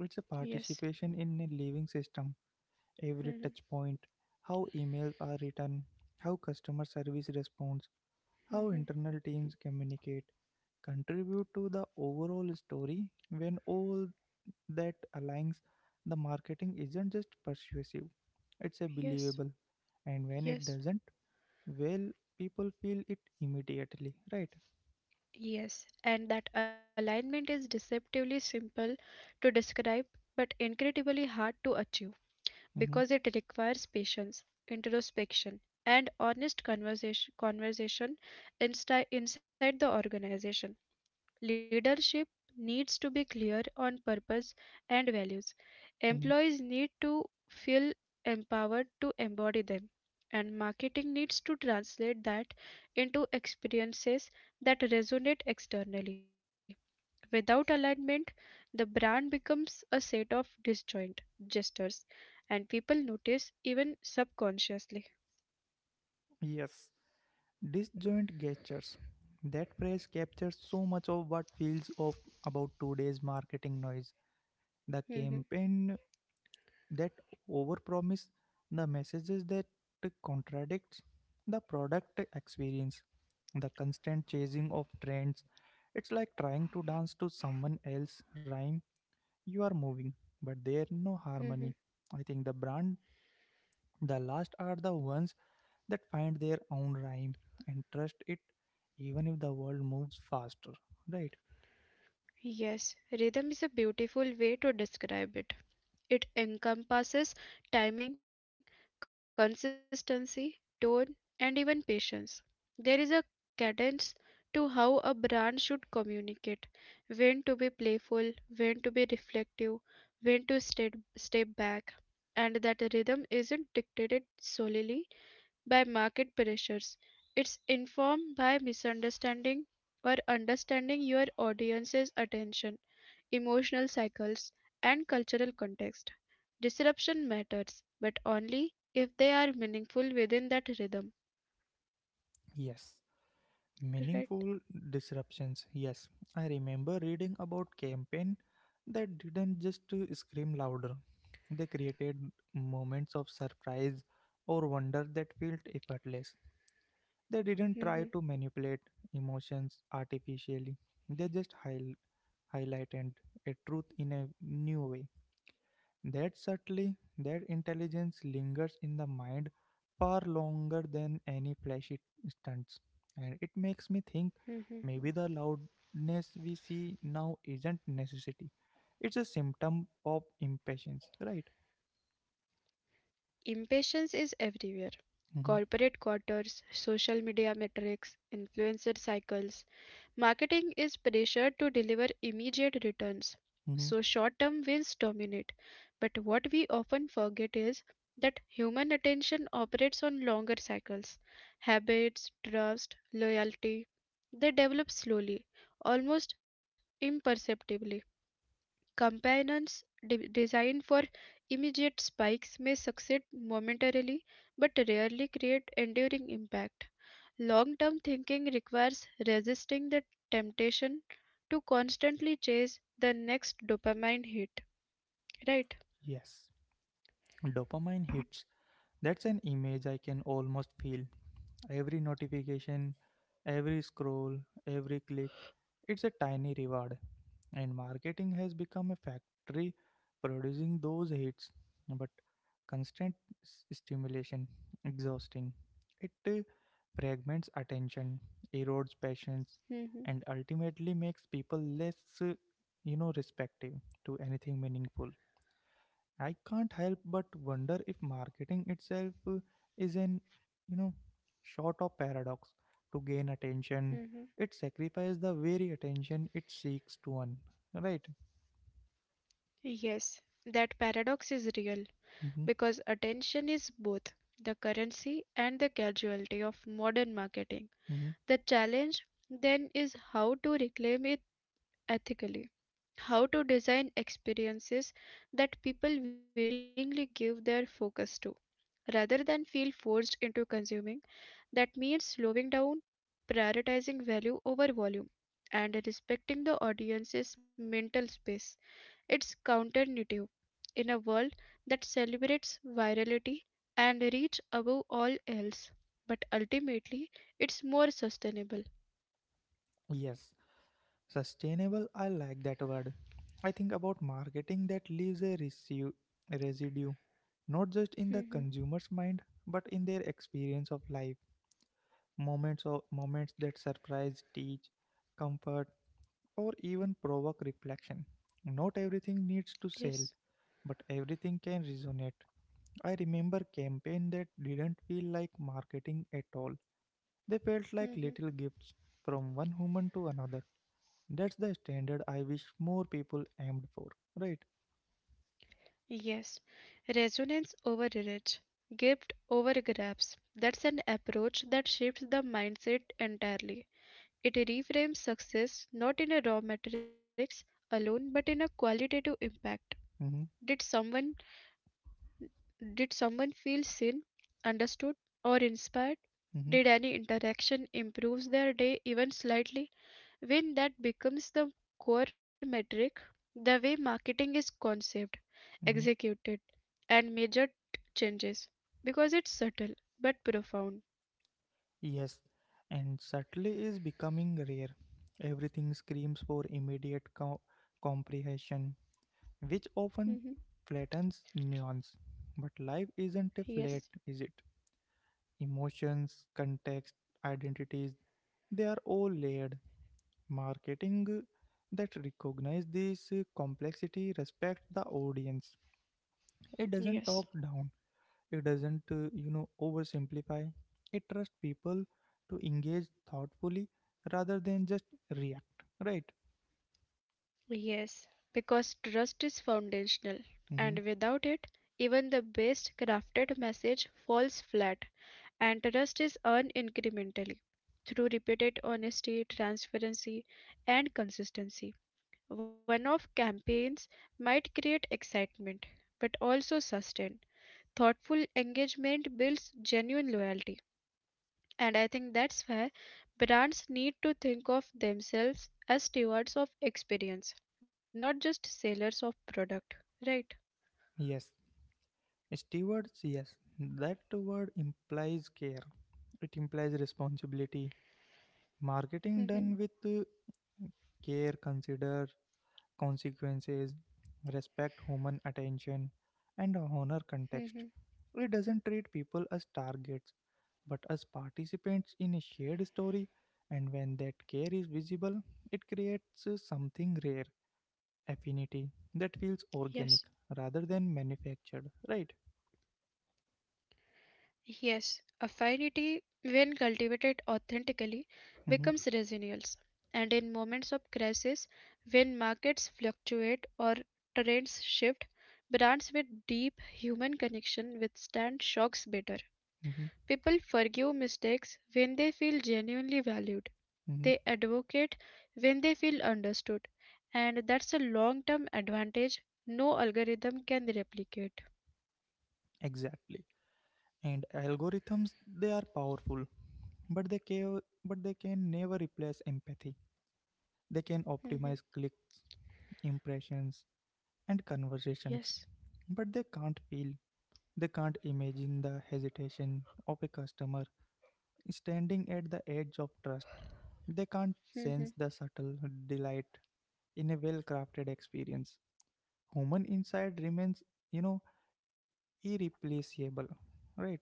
Speaker 1: It's a
Speaker 2: Yes.
Speaker 1: participation in a living system, every
Speaker 2: Hmm.
Speaker 1: touch point, how emails are written, how customer service responds, how
Speaker 2: Hmm.
Speaker 1: internal teams communicate, contribute to the overall story when all that aligns the marketing isn't just persuasive, it's a
Speaker 2: Yes.
Speaker 1: believable. And when it
Speaker 2: Yes.
Speaker 1: doesn't, well, people feel it immediately, right?
Speaker 2: Yes, and that alignment is deceptively simple to describe but incredibly hard to achieve because
Speaker 1: Mm-hmm,
Speaker 2: it requires patience, introspection, and honest conversation, conversation insti- inside the organization. Leadership needs to be clear on purpose and values.
Speaker 1: mm-hmm.
Speaker 2: Employees need to feel empowered to embody them. And marketing needs to translate that into experiences that resonate externally. Without alignment, the brand becomes a set of disjoint gestures, and people notice even subconsciously.
Speaker 1: Yes, disjoint gestures, that phrase captures so much of what feels off about today's marketing noise, the
Speaker 2: Mhm,
Speaker 1: campaign that overpromise, the messages that contradict, the product experience, the constant chasing of trends. It's like trying to dance to someone else's rhyme. You are moving, but there's no
Speaker 2: mhm.
Speaker 1: harmony. I think the brand, the last are the ones that find their own rhyme and trust it even if the world moves faster, right?
Speaker 2: Yes, rhythm is a beautiful way to describe it. It encompasses timing, consistency, tone, and even patience. There is a cadence to how a brand should communicate, when to be playful, when to be reflective, when to step, step back. And that rhythm isn't dictated solely by market pressures, it's informed by misunderstanding or understanding your audience's attention, emotional cycles, and cultural context. Disruption matters, but only if they are meaningful within that rhythm.
Speaker 1: Yes,
Speaker 2: Right.
Speaker 1: meaningful disruptions. Yes, I remember reading about campaign that didn't just uh, scream louder. They created moments of surprise or wonder that felt effortless. They didn't try
Speaker 2: Mhm,
Speaker 1: to manipulate emotions artificially. They just high- highlighted a truth in a new way. That subtly, that intelligence lingers in the mind far longer than any flashy stunts. And it makes me think
Speaker 2: mhm.
Speaker 1: maybe the loudness we see now isn't necessity. It's a symptom of impatience, right?
Speaker 2: Impatience is everywhere.
Speaker 1: Hmm.
Speaker 2: Corporate quarters, social media metrics, influencer cycles, marketing is pressured to deliver immediate returns,
Speaker 1: Hmm.
Speaker 2: so short term wins dominate. But what we often forget is that human attention operates on longer cycles. Habits, trust, loyalty, they develop slowly, almost imperceptibly. Companions de- designed for immediate spikes may succeed momentarily but rarely create enduring impact. Long term thinking requires resisting the temptation to constantly chase the next dopamine hit, right?
Speaker 1: Yes. Dopamine hits. That's an image I can almost feel. Every notification, every scroll, every click, it's a tiny reward. And marketing has become a factory producing those hits. But constant s- stimulation, exhausting. It uh, fragments attention, erodes patience,
Speaker 2: Mhm,
Speaker 1: and ultimately makes people less, uh, you know, respective to anything meaningful. I can't help but wonder if marketing itself uh, is an, you know, sort of paradox. To gain attention,
Speaker 2: mhm.
Speaker 1: it sacrifices the very attention it seeks to earn. Right?
Speaker 2: Yes, that paradox is real
Speaker 1: Hmm.
Speaker 2: because attention is both the currency and the casualty of modern marketing.
Speaker 1: Hmm.
Speaker 2: The challenge then is how to reclaim it ethically, how to design experiences that people willingly give their focus to rather than feel forced into consuming. That means slowing down, prioritizing value over volume, and respecting the audience's mental space. It's counterintuitive in a world that celebrates virality and reach above all else, but ultimately it's more sustainable.
Speaker 1: Yes, sustainable. I like that word. I think about marketing that leaves a residue, residue, not just in the
Speaker 2: Hmm.
Speaker 1: consumer's mind, but in their experience of life. Moments of moments that surprise, teach, comfort, or even provoke reflection. Not everything needs to
Speaker 2: Yes.
Speaker 1: sell, but everything can resonate. I remember campaign that didn't feel like marketing at all. They felt like
Speaker 2: Hmm.
Speaker 1: little gifts from one human to another. That's the standard I wish more people aimed for, right?
Speaker 2: Yes. Resonance over reach, gift over grabs. That's an approach that shifts the mindset entirely. It reframes success not in a raw metrics alone but in a qualitative impact.
Speaker 1: Mm-hmm,
Speaker 2: Did someone did someone feel seen, understood or inspired?
Speaker 1: mm-hmm,
Speaker 2: Did any interaction improve their day even slightly? When that becomes the core metric, the way marketing is conceived,
Speaker 1: mm-hmm.
Speaker 2: executed and measured changes because it's subtle but profound.
Speaker 1: Yes, and subtly is becoming rare. Everything screams for immediate co- comprehension which often
Speaker 2: Mhm.
Speaker 1: flattens nuance. But life isn't flat,
Speaker 2: Yes.
Speaker 1: is it? Emotions, context, identities, they are all layered. Marketing that recognize this complexity respects the audience. It doesn't talk
Speaker 2: Yes.
Speaker 1: down. It doesn't, uh, you know, oversimplify. It trusts people to engage thoughtfully rather than just react. Right?
Speaker 2: Yes, because trust is foundational,
Speaker 1: Hmm.
Speaker 2: and without it, even the best crafted message falls flat. And trust is earned incrementally through repeated honesty, transparency, and consistency. One off campaigns might create excitement, but also sustain. Thoughtful engagement builds genuine loyalty. And I think that's why brands need to think of themselves as stewards of experience, not just sellers of product, right?
Speaker 1: Yes. Stewards, yes, that word implies care. It implies responsibility. Marketing done
Speaker 2: Mhm,
Speaker 1: with uh, care consider consequences, respect human attention, and honor context.
Speaker 2: mhm.
Speaker 1: It doesn't treat people as targets, but as participants in a shared story. And when that care is visible, it creates uh, something rare, affinity
Speaker 2: Yes,
Speaker 1: that feels organic rather than manufactured. Right?
Speaker 2: yes. Affinity, when cultivated authentically, becomes
Speaker 1: Hmm.
Speaker 2: resilience. And in moments of crisis, when markets fluctuate or trends shift, brands with deep human connection withstand shocks better.
Speaker 1: Hmm.
Speaker 2: People forgive mistakes when they feel genuinely valued. They advocate when they feel understood. And that's a long term advantage no algorithm can replicate.
Speaker 1: Exactly. And algorithms they are powerful, but they can but they can never replace empathy. They can
Speaker 2: Mhm.
Speaker 1: optimize clicks, impressions, and conversations,
Speaker 2: Yes.
Speaker 1: but they can't feel. They can't imagine the hesitation of a customer standing at the edge of trust. They can't
Speaker 2: Mhm.
Speaker 1: sense the subtle delight in a well crafted experience. Human insight remains, you know, irreplaceable, right?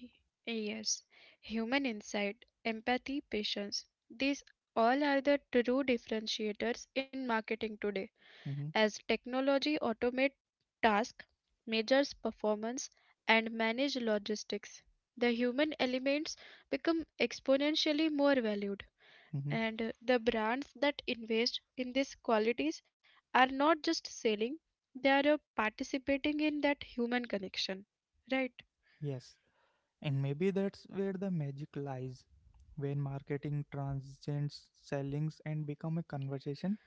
Speaker 2: Y- Yes. Human insight, empathy, patience. These all are the true differentiators in marketing today.
Speaker 1: Mm-hmm.
Speaker 2: As technology automate tasks, measures performance, and manage logistics, the human elements become exponentially more valued.
Speaker 1: Mm-hmm.
Speaker 2: And the brands that invest in these qualities are not just selling, they are uh, participating in that human connection. Right?
Speaker 1: Yes, and maybe that's where the magic lies. When marketing transcends sellings and become a conversation,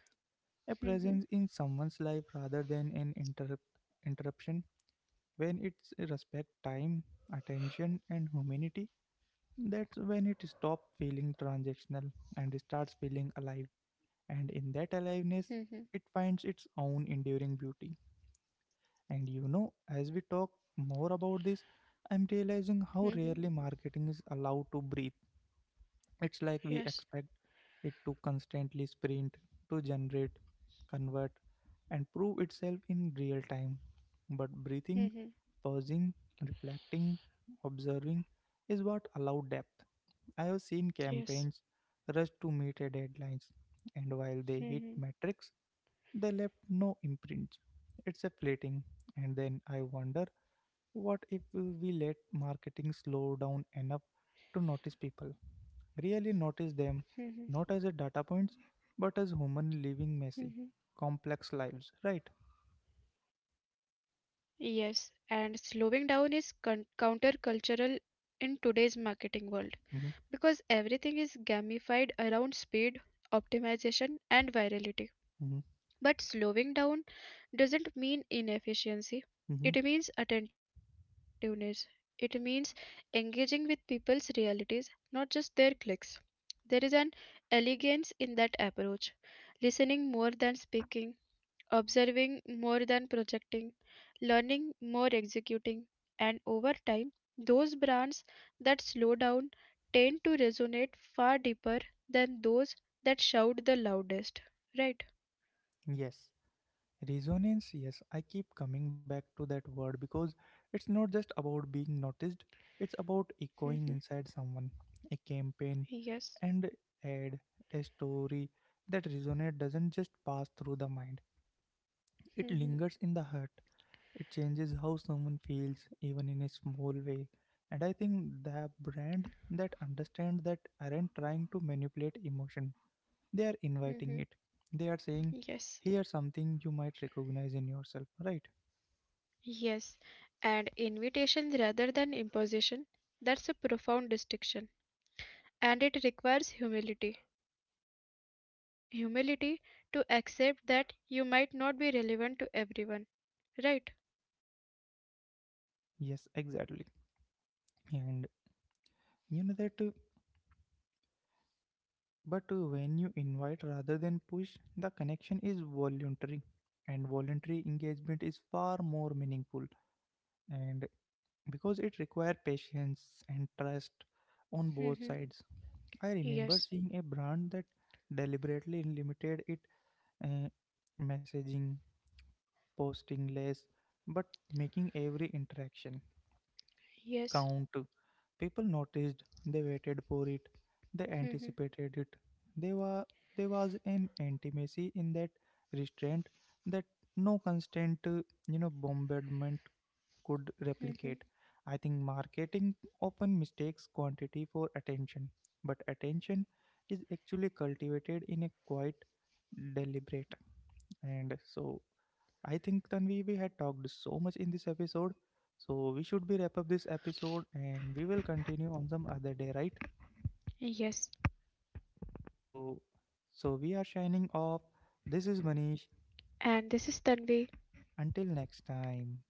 Speaker 1: a presence
Speaker 2: Mm-hmm.
Speaker 1: in someone's life rather than an inter- interruption. When it's respect time, attention, and humanity, that's when it stops feeling transactional and starts feeling alive. And in that aliveness,
Speaker 2: Mm-hmm.
Speaker 1: it finds its own enduring beauty. And you know, as we talk more about this, I'm realizing how
Speaker 2: Mm-hmm.
Speaker 1: rarely marketing is allowed to breathe. It's like we
Speaker 2: Yes.
Speaker 1: expect it to constantly sprint, to generate, convert, and prove itself in real time. But breathing,
Speaker 2: Mm-hmm.
Speaker 1: pausing, reflecting, observing is what allow depth. I have seen campaigns
Speaker 2: Yes.
Speaker 1: rush to meet a deadlines, and while they hit
Speaker 2: Mm-hmm.
Speaker 1: metrics, they left no imprints. It's a fleeting. And then I wonder what if we let marketing slow down enough to notice people? Really notice them,
Speaker 2: Mm-hmm.
Speaker 1: not as a data points, but as human living
Speaker 2: Mm-hmm.
Speaker 1: messy, complex lives, right?
Speaker 2: Yes, and slowing down is con- countercultural in today's marketing world
Speaker 1: Mm-hmm,
Speaker 2: because everything is gamified around speed, optimization, and virality.
Speaker 1: mm-hmm,
Speaker 2: But slowing down doesn't mean inefficiency, it
Speaker 1: mm-hmm.
Speaker 2: means attentiveness. It means engaging with people's realities, not just their clicks. There is an elegance in that approach, listening more than speaking, observing more than projecting, learning more executing, and over time, those brands that slow down tend to resonate far deeper than those that shout the loudest, right?
Speaker 1: Yes. Resonance, yes, I keep coming back to that word because it's not just about being noticed, it's about echoing
Speaker 2: Mhm.
Speaker 1: inside someone, a campaign,
Speaker 2: Yes.
Speaker 1: and ad, a story that resonates, doesn't just pass through the mind, it
Speaker 2: Mhm.
Speaker 1: lingers in the heart, it changes how someone feels even in a small way. And I think the brand that understands that aren't trying to manipulate emotion, they are inviting
Speaker 2: Mhm.
Speaker 1: it, they are saying,
Speaker 2: Yes.
Speaker 1: here's something you might recognize in yourself, right?
Speaker 2: Yes. And invitations rather than imposition, that's a profound distinction. And it requires humility. Humility to accept that you might not be relevant to everyone, right?
Speaker 1: Yes, exactly. And you know that uh, but uh, when you invite rather than push, the connection is voluntary, and voluntary engagement is far more meaningful, and because it requires patience and trust on both
Speaker 2: Mm-hmm.
Speaker 1: sides. I remember
Speaker 2: Yes.
Speaker 1: seeing a brand that deliberately limited it uh, messaging, posting less but making every interaction
Speaker 2: Yes.
Speaker 1: count. People noticed, they waited for it, they
Speaker 2: Mm-hmm.
Speaker 1: anticipated it. There, wa- there was an intimacy in that restraint that no constant, uh, you know, bombardment could
Speaker 2: Mm-hmm.
Speaker 1: replicate. I think marketing often mistakes quantity for attention, but attention is actually cultivated in a quite deliberate. And so I think Tanvi, we had talked so much in this episode, so we should be wrap up this episode and we will continue on some other day, right?
Speaker 2: Yes.
Speaker 1: So, so we are shining off. This is Manish.
Speaker 2: And this is Tanvi.
Speaker 1: Until next time.